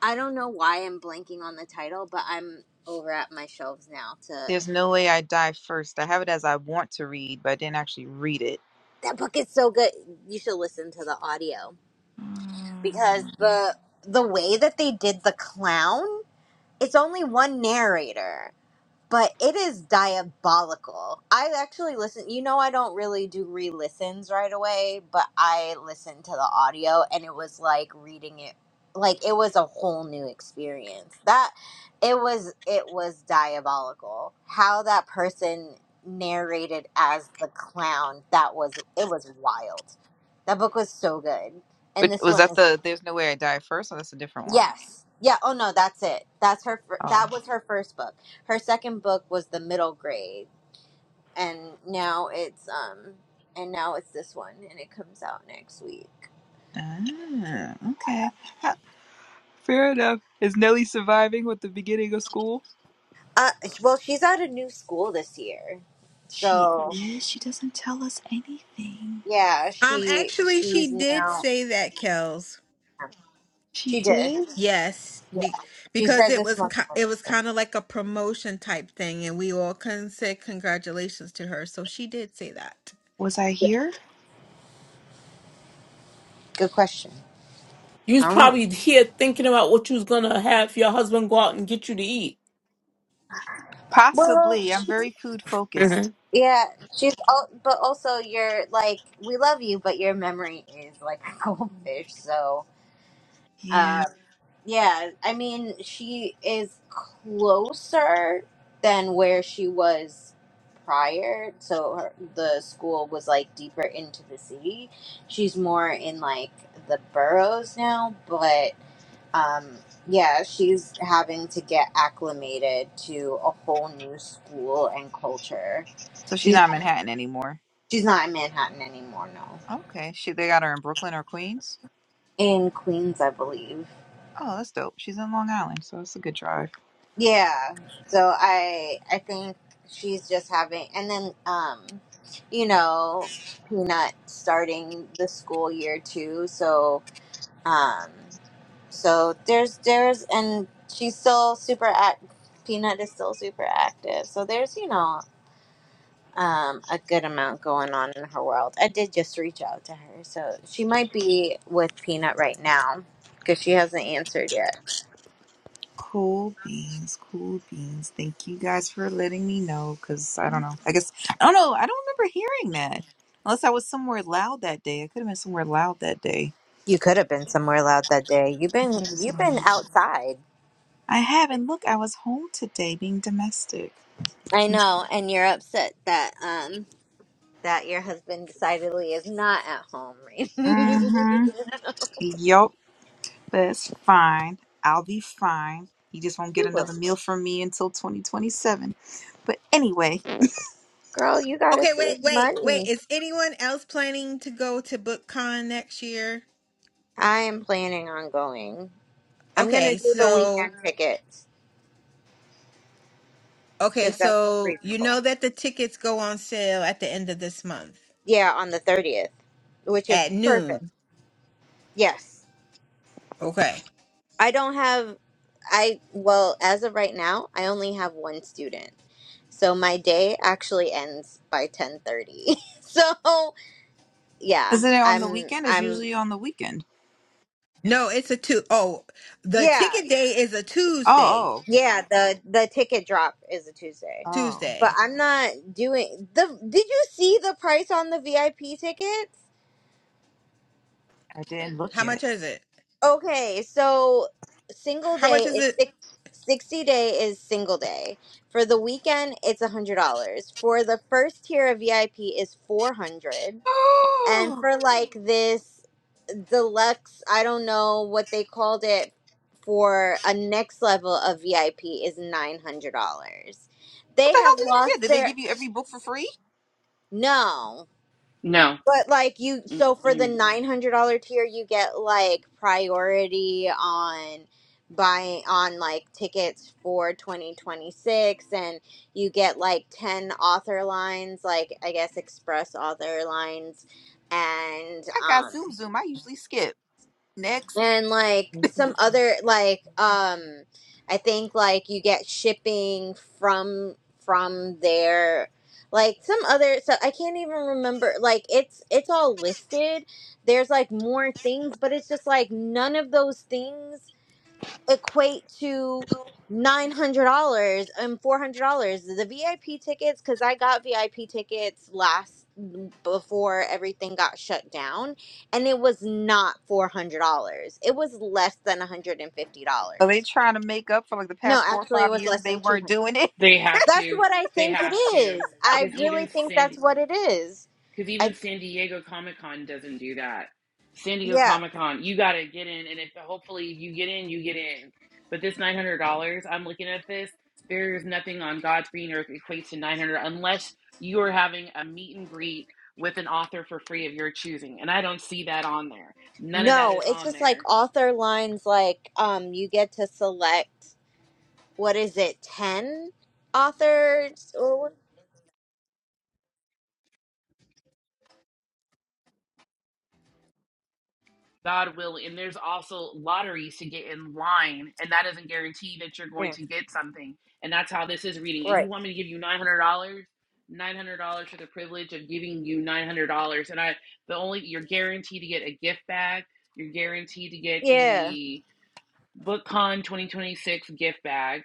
A: I don't know why I'm blanking on the title, but I'm over at my shelves now to.
C: There's No Way I Die First. I have it as I want to read, but I didn't actually read it.
A: that book is so good. You should listen to the audio because
C: Mm.
A: the the way that they did the clown, it's only one narrator but it is diabolical. I actually listen. You know, I don't really do re listens right away, but I listened to the audio and it was like reading it. Like it was a whole new experience. That it was it was diabolical. How that person narrated as the clown. That was it was wild. That book was so good. And
C: But
A: this
C: was
A: one
C: that
A: is
C: the There's No Way I Die First? Or that's a different one?
A: yes. Yeah, oh no, that's it. That's her fir-
C: Oh.
A: that was her first book. Her second book was The Middle Grade and now it's um and now it's this one and it comes out next week
C: Ah, okay. Ha, Fair enough. Is Nellie surviving with the beginning of school?
A: uh well she's at a new school this year
C: She
A: so
C: is. She doesn't tell us anything.
A: yeah
D: Um,
A: she
D: actually, she
A: she's
D: did
A: now
D: say that, Kels.
C: She
A: she did
C: did?
D: Yes,
A: yeah
D: be-
A: she
D: because
A: said
D: it
A: this
D: was
A: one
D: ki- it was kind of like a promotion type thing, and we all can say congratulations to her. So she did say that.
C: Was I
A: yeah
C: here?
A: good question
E: You was
A: i don't know
E: probably here thinking about what you was gonna have your husband go out and get you to eat.
A: well
C: Possibly. I'm
A: she,
C: very food focused.
E: Mm-hmm.
A: yeah she's all but also you're like we love you but your memory is like a goldfish so Um,
C: Yeah.
A: yeah, I mean, she is closer than where she was prior. So her, the school was like deeper into the city. She's more in like the boroughs now, but um, yeah, she's having to get acclimated to a whole new school and culture.
C: So she's
A: You
C: not in
A: know,
C: Manhattan anymore.
A: she's not in Manhattan anymore, no.
C: Okay. She they got her in Brooklyn or Queens?
A: In Queens, I believe.
C: Oh, that's dope. She's in Long Island, so it's a good drive.
A: Yeah. So I I think she's just having and then um you know, Peanut starting the school year too. So um so there's there's and she's still super act Peanut is still super active. So there's, you know, um a good amount going on in her world. I did just reach out to her. So she might be with Peanut right now cuz she hasn't answered yet.
C: Cool beans, cool beans. Thank you guys for letting me know because I don't know. I guess I don't know. I don't remember hearing that. Unless I was somewhere loud that day. I could have been somewhere loud that day.
A: You could have been somewhere loud that day. You've
C: I
A: been
C: could have been
A: you've
C: somewhere
A: been
C: loud.
A: outside.
C: I haven't. Look, I was home today being domestic.
A: I know, and you're upset that um that your husband decidedly is not at home right You
C: Mm-hmm. Yup, that's fine. I'll be fine. You just won't get
A: will.
C: another meal from me until 2027. But anyway,
A: Girl, you gotta
D: Okay, wait,
A: save
D: wait, wait.
A: money.
D: Is anyone else planning to go to BookCon next year?
A: I am planning on going. I'm gonna
D: Okay,
A: do the
D: so
A: weekend tickets
D: okay,
A: because that's
D: so you
A: reasonable.
D: know that the tickets go on sale at the end of this month
A: Yeah, on the thirtieth, which is
D: at
A: perfect.
D: noon.
A: Yes,
D: Okay.
A: I don't have. I well, as of right now, I only have one student. So my day actually ends by 10:30. So, yeah,
C: isn't it on the
A: I'm
C: weekend? It's
A: I'm
C: usually on the weekend.
D: No, it's a two. Oh, the
A: yeah.
D: ticket day is a Tuesday.
C: Oh,
A: Yeah, the the ticket drop is a Tuesday.
C: oh, oh,
A: But
D: Tuesday.
A: I'm not doing the Did you see the price on the VIP tickets?
C: I didn't look
D: How much
C: yet.
D: is it?
A: Okay, so single
D: How
A: day
D: much is
A: is
D: it?
A: six, 60 day is single day. For the weekend it's a $100. For the first tier of VIP is 400
C: Oh,
A: and for like this deluxe i don't know what they called it for a next level of vip is $900
C: what
A: they
C: the hell
A: have
C: did you
A: lost
C: get? Did they
A: their
C: give you every book for free?
A: no
F: no
A: but like you so for the
F: mm-mm.
A: $900 tier you get like priority on buying on like tickets for 2026 and you get like 10 author lines like i guess express author lines and
C: I got
A: um
C: Zoom Zoom. I usually skip. Next.
A: and like some other like um i think like you get shipping from from there like some other so i can't even remember like it's it's all listed there's like more things but it's just like none of those things equate to nine hundred dollars and four hundred dollars. The VIP tickets, because I got VIP tickets last mm, before everything got shut down, and it was not four hundred dollars. It was less than one hundred and fifty
C: Are they
A: dollars.
C: trying to make up for like the
A: No,
C: past four or
A: actually, it
C: five
A: was
C: years
A: less
C: they
A: than two
C: weren't
A: hundred.
C: doing it?
F: they have
A: That's
F: to
A: what I
F: they
A: think it
F: have to
A: is. I
F: because
A: really
F: even
A: think that's
F: cindy
A: what it is.
F: Because even
A: I
F: San Diego Comic Con doesn't do that. San Diego
A: yeah.
F: Comic Con, you got to get in, and if hopefully you get in, you get in. But this nine hundred dollars, I'm looking at this. There's nothing on God's green earth equates to nine hundred dollars unless you are having a meet and greet with an author for free of your choosing, and I don't see that on there. None of that
A: No,
F: is
A: it's
F: on
A: just
F: there.
A: like author lines like um you get to select what is it, 10 authors or what?
F: God willing. And there's also lotteries to get in line, and that doesn't guarantee that you're going
A: Yeah,
F: to get something. And that's how this is reading. And
A: right.
F: you want me to give you nine hundred dollars, nine hundred dollars for the privilege of giving you nine hundred dollars. And I, the only you're guaranteed to get a gift bag. You're guaranteed to get
A: Yeah,
F: the BookCon 2026 gift bag,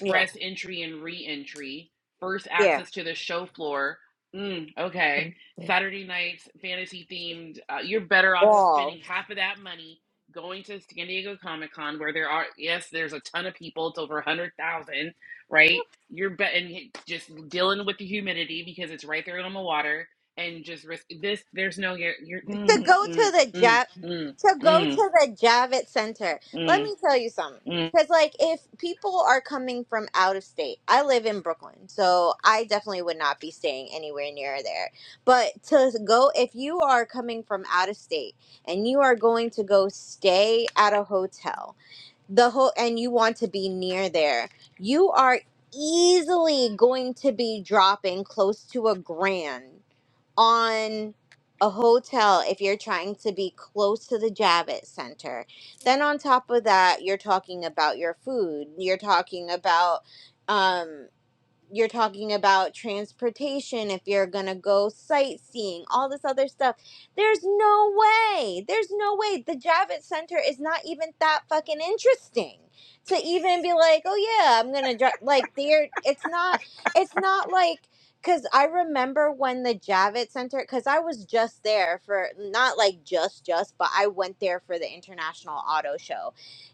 A: yeah,
F: entry and re entry, first
A: yeah.
F: access to the show floor. Mm, okay. Saturday nights, fantasy themed. Uh, you're better off
A: All
F: spending half of that money going to San Diego Comic Con, where there are, yes, there's a ton of people. It's over 100,000, right? You're be- and just dealing with the humidity because it's right there on the water and just risk this. There's no, you're, you're
A: to
F: mm,
A: go
F: mm,
A: to the
F: mm,
A: job
F: mm,
A: to go
F: mm,
A: to the Javits Center. Let
F: mm,
A: me tell you something.
F: mm.
A: Because, like, if people are coming from out of state, I live in Brooklyn, so I definitely would not be staying anywhere near there. But to go, if you are coming from out of state and you are going to go stay at a hotel, the whole and you want to be near there you are easily going to be dropping close to a grand on a hotel if you're trying to be close to the javits center then on top of that you're talking about your food you're talking about um, you're talking about transportation if you're going to go sightseeing all this other stuff there's no way there's no way the javits center is not even that fucking interesting to even be like oh yeah i'm going to drive like they're it's not it's not like because i remember when the javits center because i was just there for not like just just but i went there for the international auto show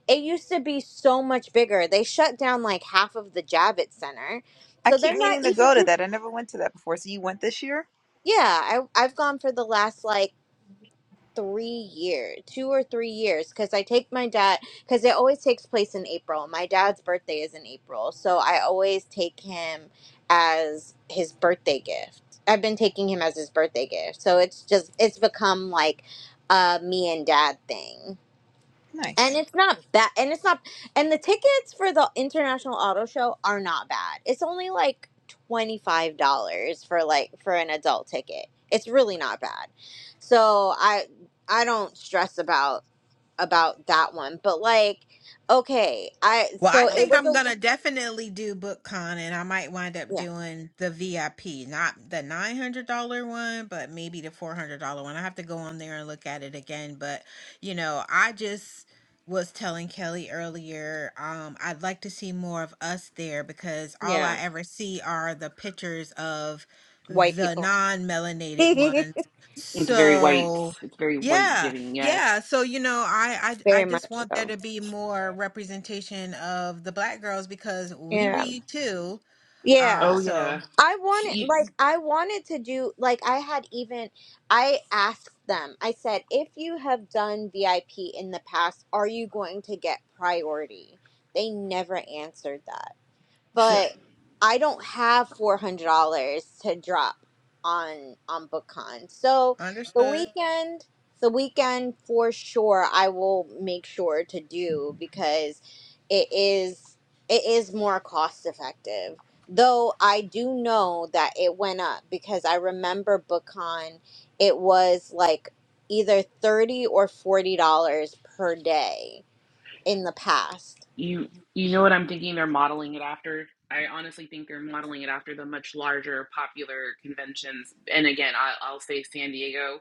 A: it used to be so much bigger they shut down like half of the javits center
C: I
A: so
C: keep
A: they're not
C: meaning to
A: even.
C: go to that. I never went to that before. So you went this year?
A: Yeah, I I've gone for the last like three years, two or three years, because I take my dad because it always takes place in April. My dad's birthday is in April, so I always take him as his birthday gift. I've been taking him as his birthday gift, so it's just it's become like a me and dad thing.
C: Nice.
A: And it's not bad. And it's not. And the tickets for the International Auto Show are not bad. It's only like twenty five dollars for like for an adult ticket. It's really not bad. So I I don't stress about about that one. But like, okay, I
D: Well, I
A: so it
D: think
A: was
D: I'm
A: a
D: gonna definitely do BookCon, and I might wind up
A: yeah
D: doing the VIP, not the nine hundred dollar one, but maybe the four hundred dollar one. I have to go on there and look at it again. But you know, I just was telling Kelly earlier, um, I'd like to see more of us there because all
A: yeah
D: I ever see are the pictures of
A: white
D: the
A: people
D: non-melanated ones.
A: very
F: It's very white.
D: So.
F: It's very white
D: Yeah,
F: giving. Yes.
D: Yeah, so you know, I, I I just
A: much
D: want there
A: so
D: to be more representation of the black girls because we
A: yeah
D: read too. Um,
A: yeah
F: Oh
D: so
F: yeah.
A: I
F: S-
A: wanted
F: You
A: like I wanted to do like I had even I asked them. I said, "If you have done VIP in the past, are you going to get priority?" They never answered that
F: so
A: but I don't have four hundred dollars to drop on on BookCon. So the
D: understood.
A: weekend, the weekend for sure, I will make sure to do because it is it is more cost effective. Though I do know that it went up because I remember BookCon, it was like either thirty or forty dollars per day in the past
F: you you know what I'm thinking? They're modeling it after. I honestly think they're modeling it after the much larger popular conventions. And again, I, I'll say San Diego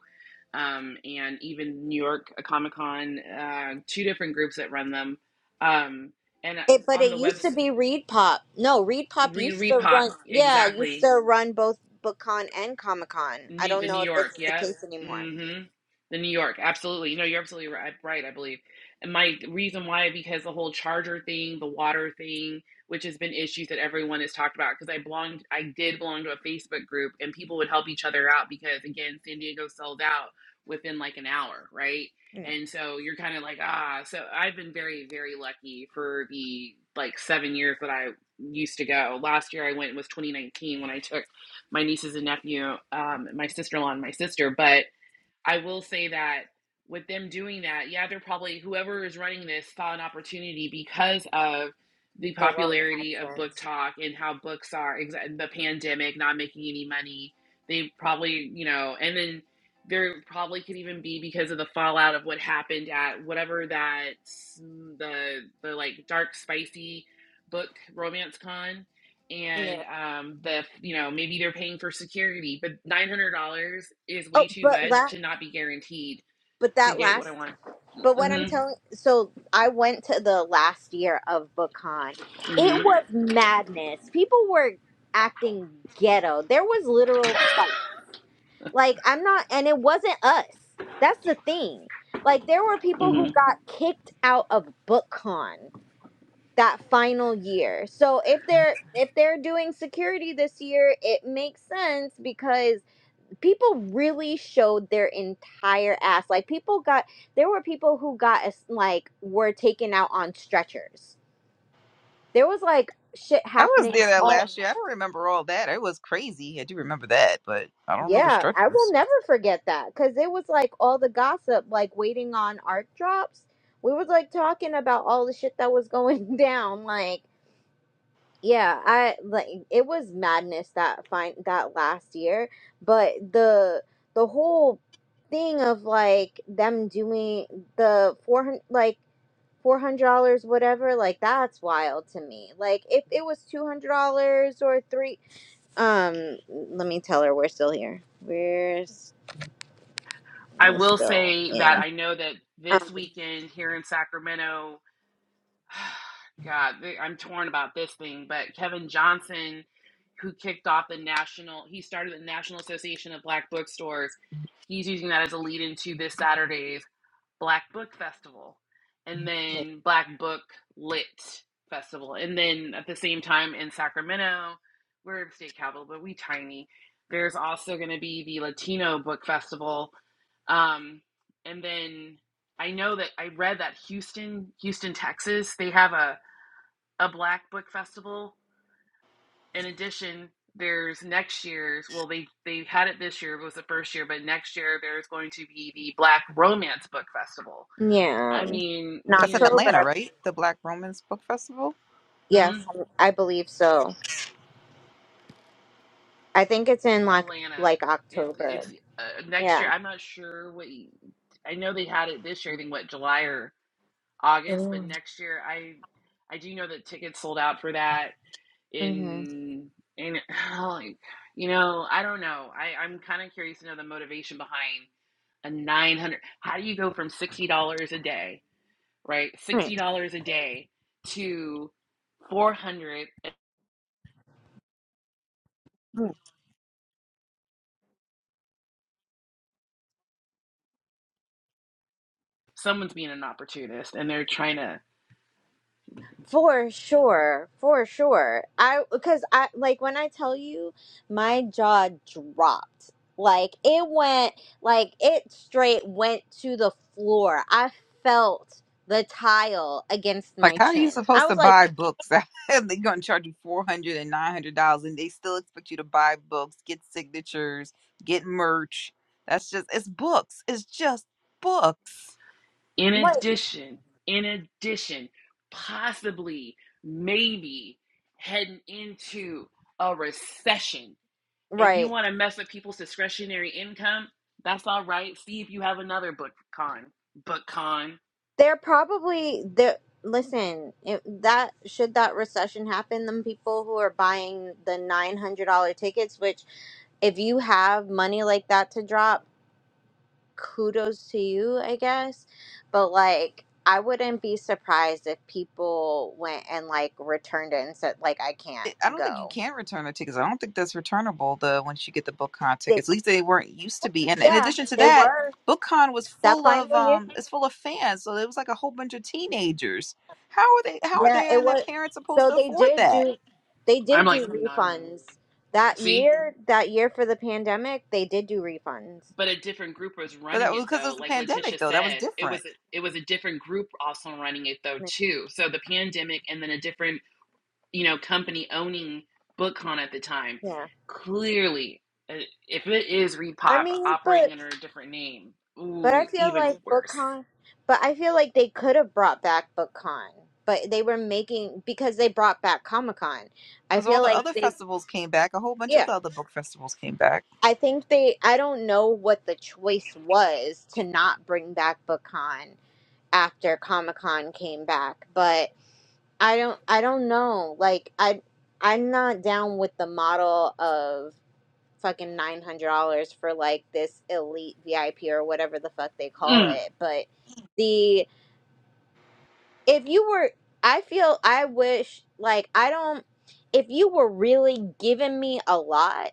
F: um, and even New York uh, Comic Con. Uh, two different groups that run them. Um, and
A: It, but
F: on
A: it
F: the
A: used to
F: website,
A: be Reed Pop. No, Reed Pop
F: re
A: used to
F: Repop
A: run. Yeah, used
F: exactly.
A: to run both BookCon and Comic Con. I
F: New,
A: don't
F: the New
A: know if
F: York,
A: it's the
F: yeah.
A: case anymore.
F: Mm-hmm. The New York, absolutely. No, you're absolutely right, right, I believe. And my reason why, because the whole charger thing, the water thing, which has been issues that everyone has talked about, because I belonged, I did belong to a Facebook group and people would help each other out because, again, San Diego sold out within like an hour, right?
A: Mm,
F: And so you're kind of like, ah, so I've been very, very lucky for the like seven years that I used to go. Last year I went was 2019 when I took my nieces and nephew, um, my sister-in-law and my sister. But I will say that with them doing that, yeah, they're probably whoever is running this saw an opportunity because of the
A: the long
F: popularity of book
A: absence.
F: talk and how books are the pandemic, not making any money. They probably, you know, and then there probably could even be because of the fallout of what happened at whatever that the the like dark spicy book romance con and
A: Yeah.
F: um the you know maybe they're paying for security but $900 is way
A: Oh,
F: too
A: but
F: much
A: la-
F: to not be guaranteed
A: but
F: to
A: that
F: get what
A: last
F: i want
A: But what I'm
F: hmm
A: telling, so I went to the last year of BookCon.
F: hmm
A: It was madness. People were acting ghetto. There was literal fight. Like I'm not, and it wasn't us. That's the thing. Like there were people who
F: hmm
A: got kicked out of BookCon that final year. So if they're if they're doing security this year, it makes sense because people really showed their entire ass. Like people got there were people who got as- like were taken out on stretchers. There was like shit
C: I was
A: happening
C: there that
A: all
C: last year. I don't remember all that. It was crazy. I do remember that, but I don't remember
A: yeah, I will
C: structures.
A: never forget that cuz it was like all the gossip like waiting on art drops. We was like talking about all the shit that was going down like Yeah, I like it was madness that fine that last year, but the the whole thing of like them doing the 400 like $400 whatever, like that's wild to me. Like if it was $200 or 3 um let me tell her we're still here. We're s-
F: i will
A: still
F: say that
A: in.
F: i know that this
A: Um,
F: weekend here in sacramento god th- i'm torn about this thing but kevin johnson who kicked off the national he started the national association of black bookstores he's using that as a lead into this saturday's Black Book Festival, and then Black Book Lit Festival, and then at the same time in Sacramento, we're in state capital, but we tiny. There's also going to be the Latino Book Festival, um, and then I know that I read that Houston, Houston, Texas, they have a a Black Book Festival. In addition, there's next year's. Well, they they had it this year. It was the first year, but next year there's going to be the Black Romance Book Festival
A: yeah,
F: I mean,
A: in
F: we
C: That's
F: need
C: in
A: October.
C: Atlanta,
A: I-
C: right? The Black Romans Book Festival.
F: Hmm?
A: Yes, I believe so. I think it's in like
F: Atlanta.
A: like
F: It, it's
A: October.
F: uh, next
A: Yeah.
F: year. I'm not sure what. y- I know they had it this year. I think what July or August, but next year I I do know that tickets sold out for that
A: Mm-hmm.
F: in in like, you know I don't know. I I'm kind of curious to know the motivation behind a 900 how do you go from $60 a day right $60
A: Right.
F: a day to 400
A: Mm.
F: someone's being an opportunist and they're trying to
A: For sure, for sure. I because I like when I tell you my jaw dropped. Like it went like it straight went to the floor. I felt the tile against
C: Like,
A: my
C: how are you
A: chin. I
C: supposed
A: was
C: to
A: like,
C: buy books? They're going to charge you four hundred and nine hundred dollars, and they still expect you to buy books, get signatures, get merch. That's just it's books. It's just books.
F: In
A: "What?"
F: addition, in addition, possibly, maybe heading into a recession and you
A: Right.
F: want to mess with people's discretionary income, that's all right. See if you have another book con. Book con.
A: They're probably they listen, if that should that recession happen, them people who are buying the $900 tickets which if you have money like that to drop kudos to you, I guess. But like, I wouldn't be surprised if people went and like returned it and said, like, I can't
C: it- I don't think you
A: go.
C: can return the tickets. I don't think that's returnable. The once you get the BookCon
A: They,
C: tickets, at least they weren't used to be. And in
A: yeah,
C: addition to
A: they
C: that,
A: were
C: BookCon was
A: that
C: full of
A: final year.
C: um, it's full of fans, so it was like a whole bunch of teenagers. How are they? How are
A: Yeah,
C: they
A: it
C: and their
A: was.
C: parents supposed
A: So
C: to
A: they
C: afford
A: did
C: that?
A: do, they
F: I'm
A: did
F: like
A: do
F: nodding.
A: refunds that
F: See?
A: year. That year for the pandemic, they did do refunds.
F: But a different group was
C: But that
F: running it
C: was because it
F: though.
C: was the
F: Like Letitia
C: pandemic, though. That was
F: said, it was
C: different
F: a, it was a different group also running it though too. So the pandemic and then a different you know, company owning BookCon at the time,
A: Yeah,
F: clearly, uh, if it is
A: I
F: Repop
A: mean, but
F: operating under a different name,
A: But I
F: ooh,
A: feel
F: even
A: like
F: worse.
A: BookCon, but I feel like they could have brought back BookCon, but they were making because they brought back Comic Con. I
C: because all
A: feel
C: the
A: like
C: other
A: they,
C: festivals came back. A whole bunch of
A: yeah,
C: the other book festivals came back.
A: I think they. I don't know what the choice was to not bring back BookCon after Comic Con came back, but I don't. I don't know. Like I, I'm not down with the model of fucking nine hundred dollars for like this elite VIP or whatever the fuck they call
F: Mm.
A: it, but. The if you were i feel i wish like i don't if you were really giving me a lot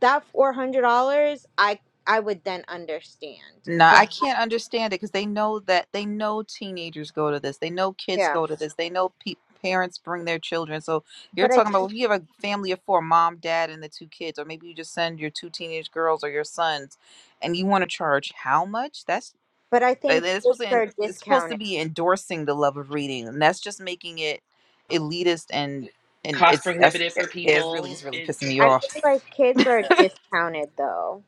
A: that $400 i i would then understand
C: No, I
A: but
C: can't understand it because they know that they know teenagers go to this. They know kids
A: yeah
C: go to this. They know pe- parents bring their children. So you're
A: but i
C: talking about well,
A: think
C: if you have a family of four, mom, dad, and the two kids, or maybe you just send your two teenage girls or your sons, and you want to charge how much? That's
A: but i
C: that-
A: think
C: that's
A: kids
C: supposed to en-
A: are
C: it's supposed to
A: discounted
C: be endorsing the love of reading, and that's just making it elitist and and
F: Cost
C: it's that's
F: prohibitive for
C: it's really
F: people.
C: it's really
F: It,
C: pissing me
A: i
C: off.
A: feel
F: it's
A: like kids are discounted though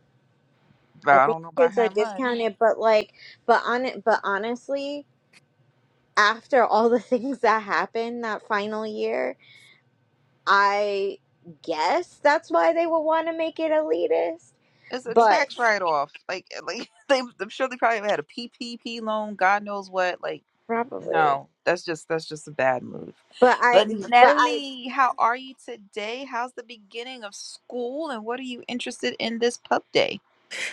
C: But
A: i
C: I
A: think
C: don't know about
A: kids are
C: how much.
A: discounted but like but on it but honestly after all the things that happened that final year I guess that's why they would want to make it elitist,
C: It's a
A: but
C: tax write off. Like eh, like they I'm sure they probably had a PPP loan, God knows what. Like
A: probably.
C: no, that's just that's just a bad move.
A: But I,
C: But
A: but I,
C: Nelly, how are you today? How's the beginning of school and what are you interested in this pub day?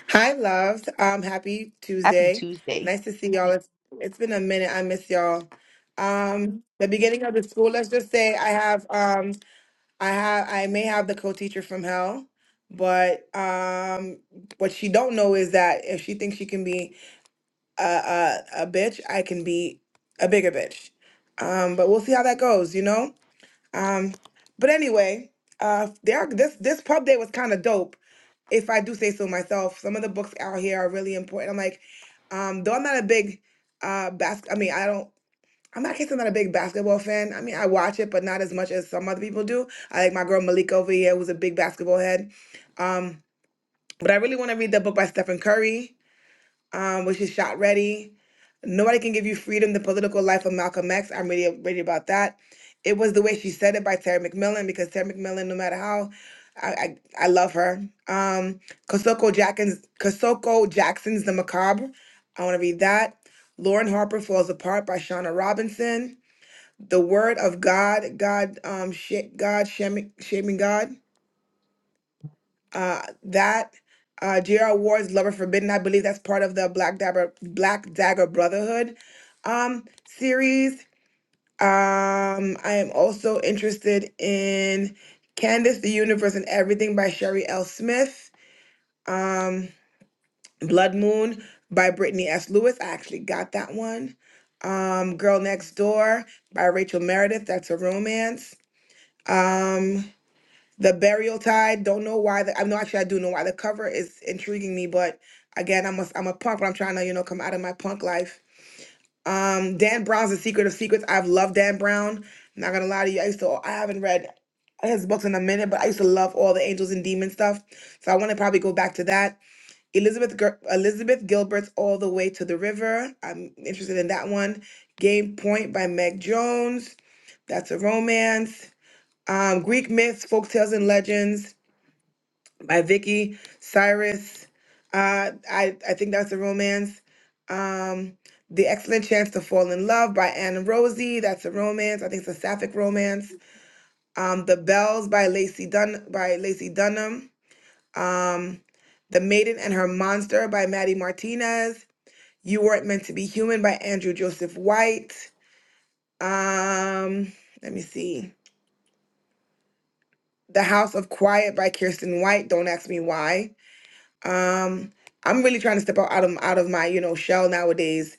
G: Hi, loved. Um, happy
C: Happy
G: Tuesday.
C: Tuesday.
G: Nice to see y'all. It's, it's been a minute. I miss y'all. Um, the beginning of the school. Let's just say I have. Um, I have. I may have the co-teacher from hell, but um, what she don't know is that if she thinks she can be a a, a bitch, I can be a bigger bitch. Um, but we'll see how that goes. You know. Um, but anyway, uh, there are, this this pub day was kind of dope, if I do say so myself. Some of the books out here are really important. I'm like, um, though I'm not a big uh bas- I mean, I don't. I'm not I guess I'm not a big basketball fan. I mean, I watch it, but not as much as some other people do. I like my girl Malika over here, who's a big basketball head. Um, but I really want to read the book by Stephen Curry um, which is Shot Ready. Nobody can give you freedom. The political life of Malcolm X. I'm really ready about that. It was the way she said it by Terry McMillan because Terry McMillan, no matter how, I I, I love her. Um, Kosoko Jackson's Kosoko Jackson's The Macabre. I want to read that. Lauren Harper Falls Apart by Shauna Robinson. The Word of God. God um sh- God shaming shaming God. Uh, that uh, J.R. Ward's Lover Forbidden, I believe that's part of the Black Dagger Black Dagger Brotherhood um, series. Um, I am also interested in Candace, the Universe, and Everything by Sherry L. Smith. Um, Blood Moon by Brittany S. Lewis. I actually got that one. Um, Girl Next Door by Rachel Meredith. That's a romance. Um, the Burial Tide. Don't know why. The, I know actually I do know why. The cover is intriguing me, but again, I'm a I'm a punk, but I'm trying to you know come out of my punk life. Um, Dan Brown's The Secret of Secrets. I've loved Dan Brown. not gonna lie to you. I used to. I haven't read his books in a minute, but I used to love all the angels and demons stuff. So I want to probably go back to that. Elizabeth Gil- Elizabeth Gilbert's All the Way to the River. I'm interested in that one. Game Point by Meg Jones. That's a romance. Um, Greek myths, folk tales, and legends by Vicky Cyrus. Uh, I I think that's a romance. Um, the Excellent Chance to Fall in Love by Anne Rosie. That's a romance. I think it's a sapphic romance. Um, the Bells by Lacey Dun by Lacey Dunham. Um, the Maiden and Her Monster by Maddie Martinez. You Weren't Meant to Be Human by Andrew Joseph White. Um, let me see. The House of Quiet by Kirsten White. Don't ask me why. Um, I'm really trying to step out, out of out of my, you know, shell nowadays.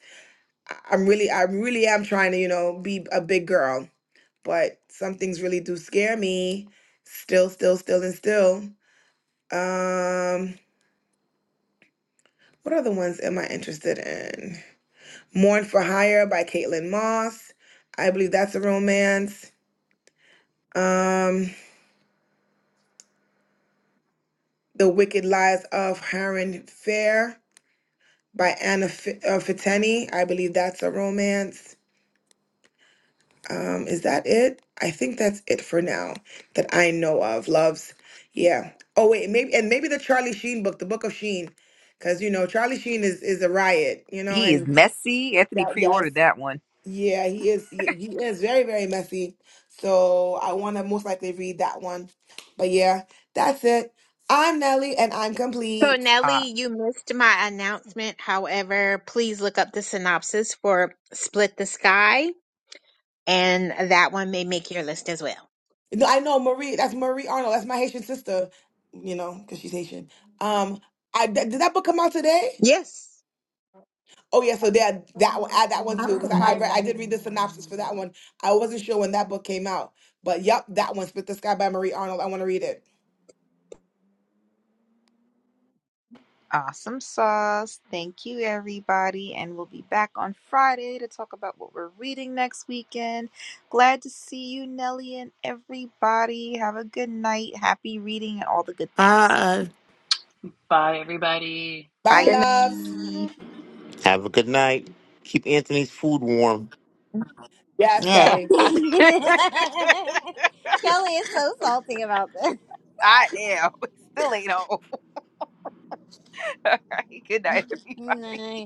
G: I- I'm really I really am trying to, you know, be a big girl, but some things really do scare me. Still, still, still, and still. Um, what other ones am I interested in? Mourn for Hire by Caitlin Moss. I believe that's a romance. Um, The Wicked Lives of Harren Fair by Anna F- uh, Fitani. I believe that's a romance. Um, is that it? I think that's it for now that I know of. Loves, yeah. Oh wait, maybe and maybe the Charlie Sheen book, the Book of Sheen, because you know Charlie Sheen is is a riot, you know,
C: He is
G: and
C: messy. Anthony
G: yeah,
C: pre-ordered
G: yes,
C: that one.
G: yeah, he is. He, he is very very messy. So I want to most likely read that one. But yeah, that's it. I'm Nelly and I'm
D: So,
G: complete.
D: Nelly, you missed my announcement. However, please look up the synopsis for Split the Sky, and that one may make your list as well.
G: No, I know Marie. That's Marie Arnold. That's my Haitian sister, you know, because she's Haitian. Um, I th- did that book come out today?
D: Yes.
G: Oh yeah, so that that one, add that one too
A: I'm
G: because I I, read,
A: surprised
G: I
A: I. didn't-
G: did read the synopsis for that one. I wasn't sure when that book came out, but yep, that one, "Split the Sky" by Marie Arnold. I want to read it.
C: Awesome sauce. Thank you, everybody. And we'll be back on Friday to talk about what we're reading next weekend. Glad to see you, Nelly, and everybody. Have a good night. Happy reading and all the good things.
E: Ah,
F: by everybody.
G: Bye,
C: Bye.
D: Good
A: Uh,
G: loves.
B: Have a good night. Keep Anthony's food warm.
G: Yes,
C: Yeah.
G: Kelly.
A: Kelly is so salty about this.
C: I am. Still ain't home. all right. Good night, everybody.
A: Nice.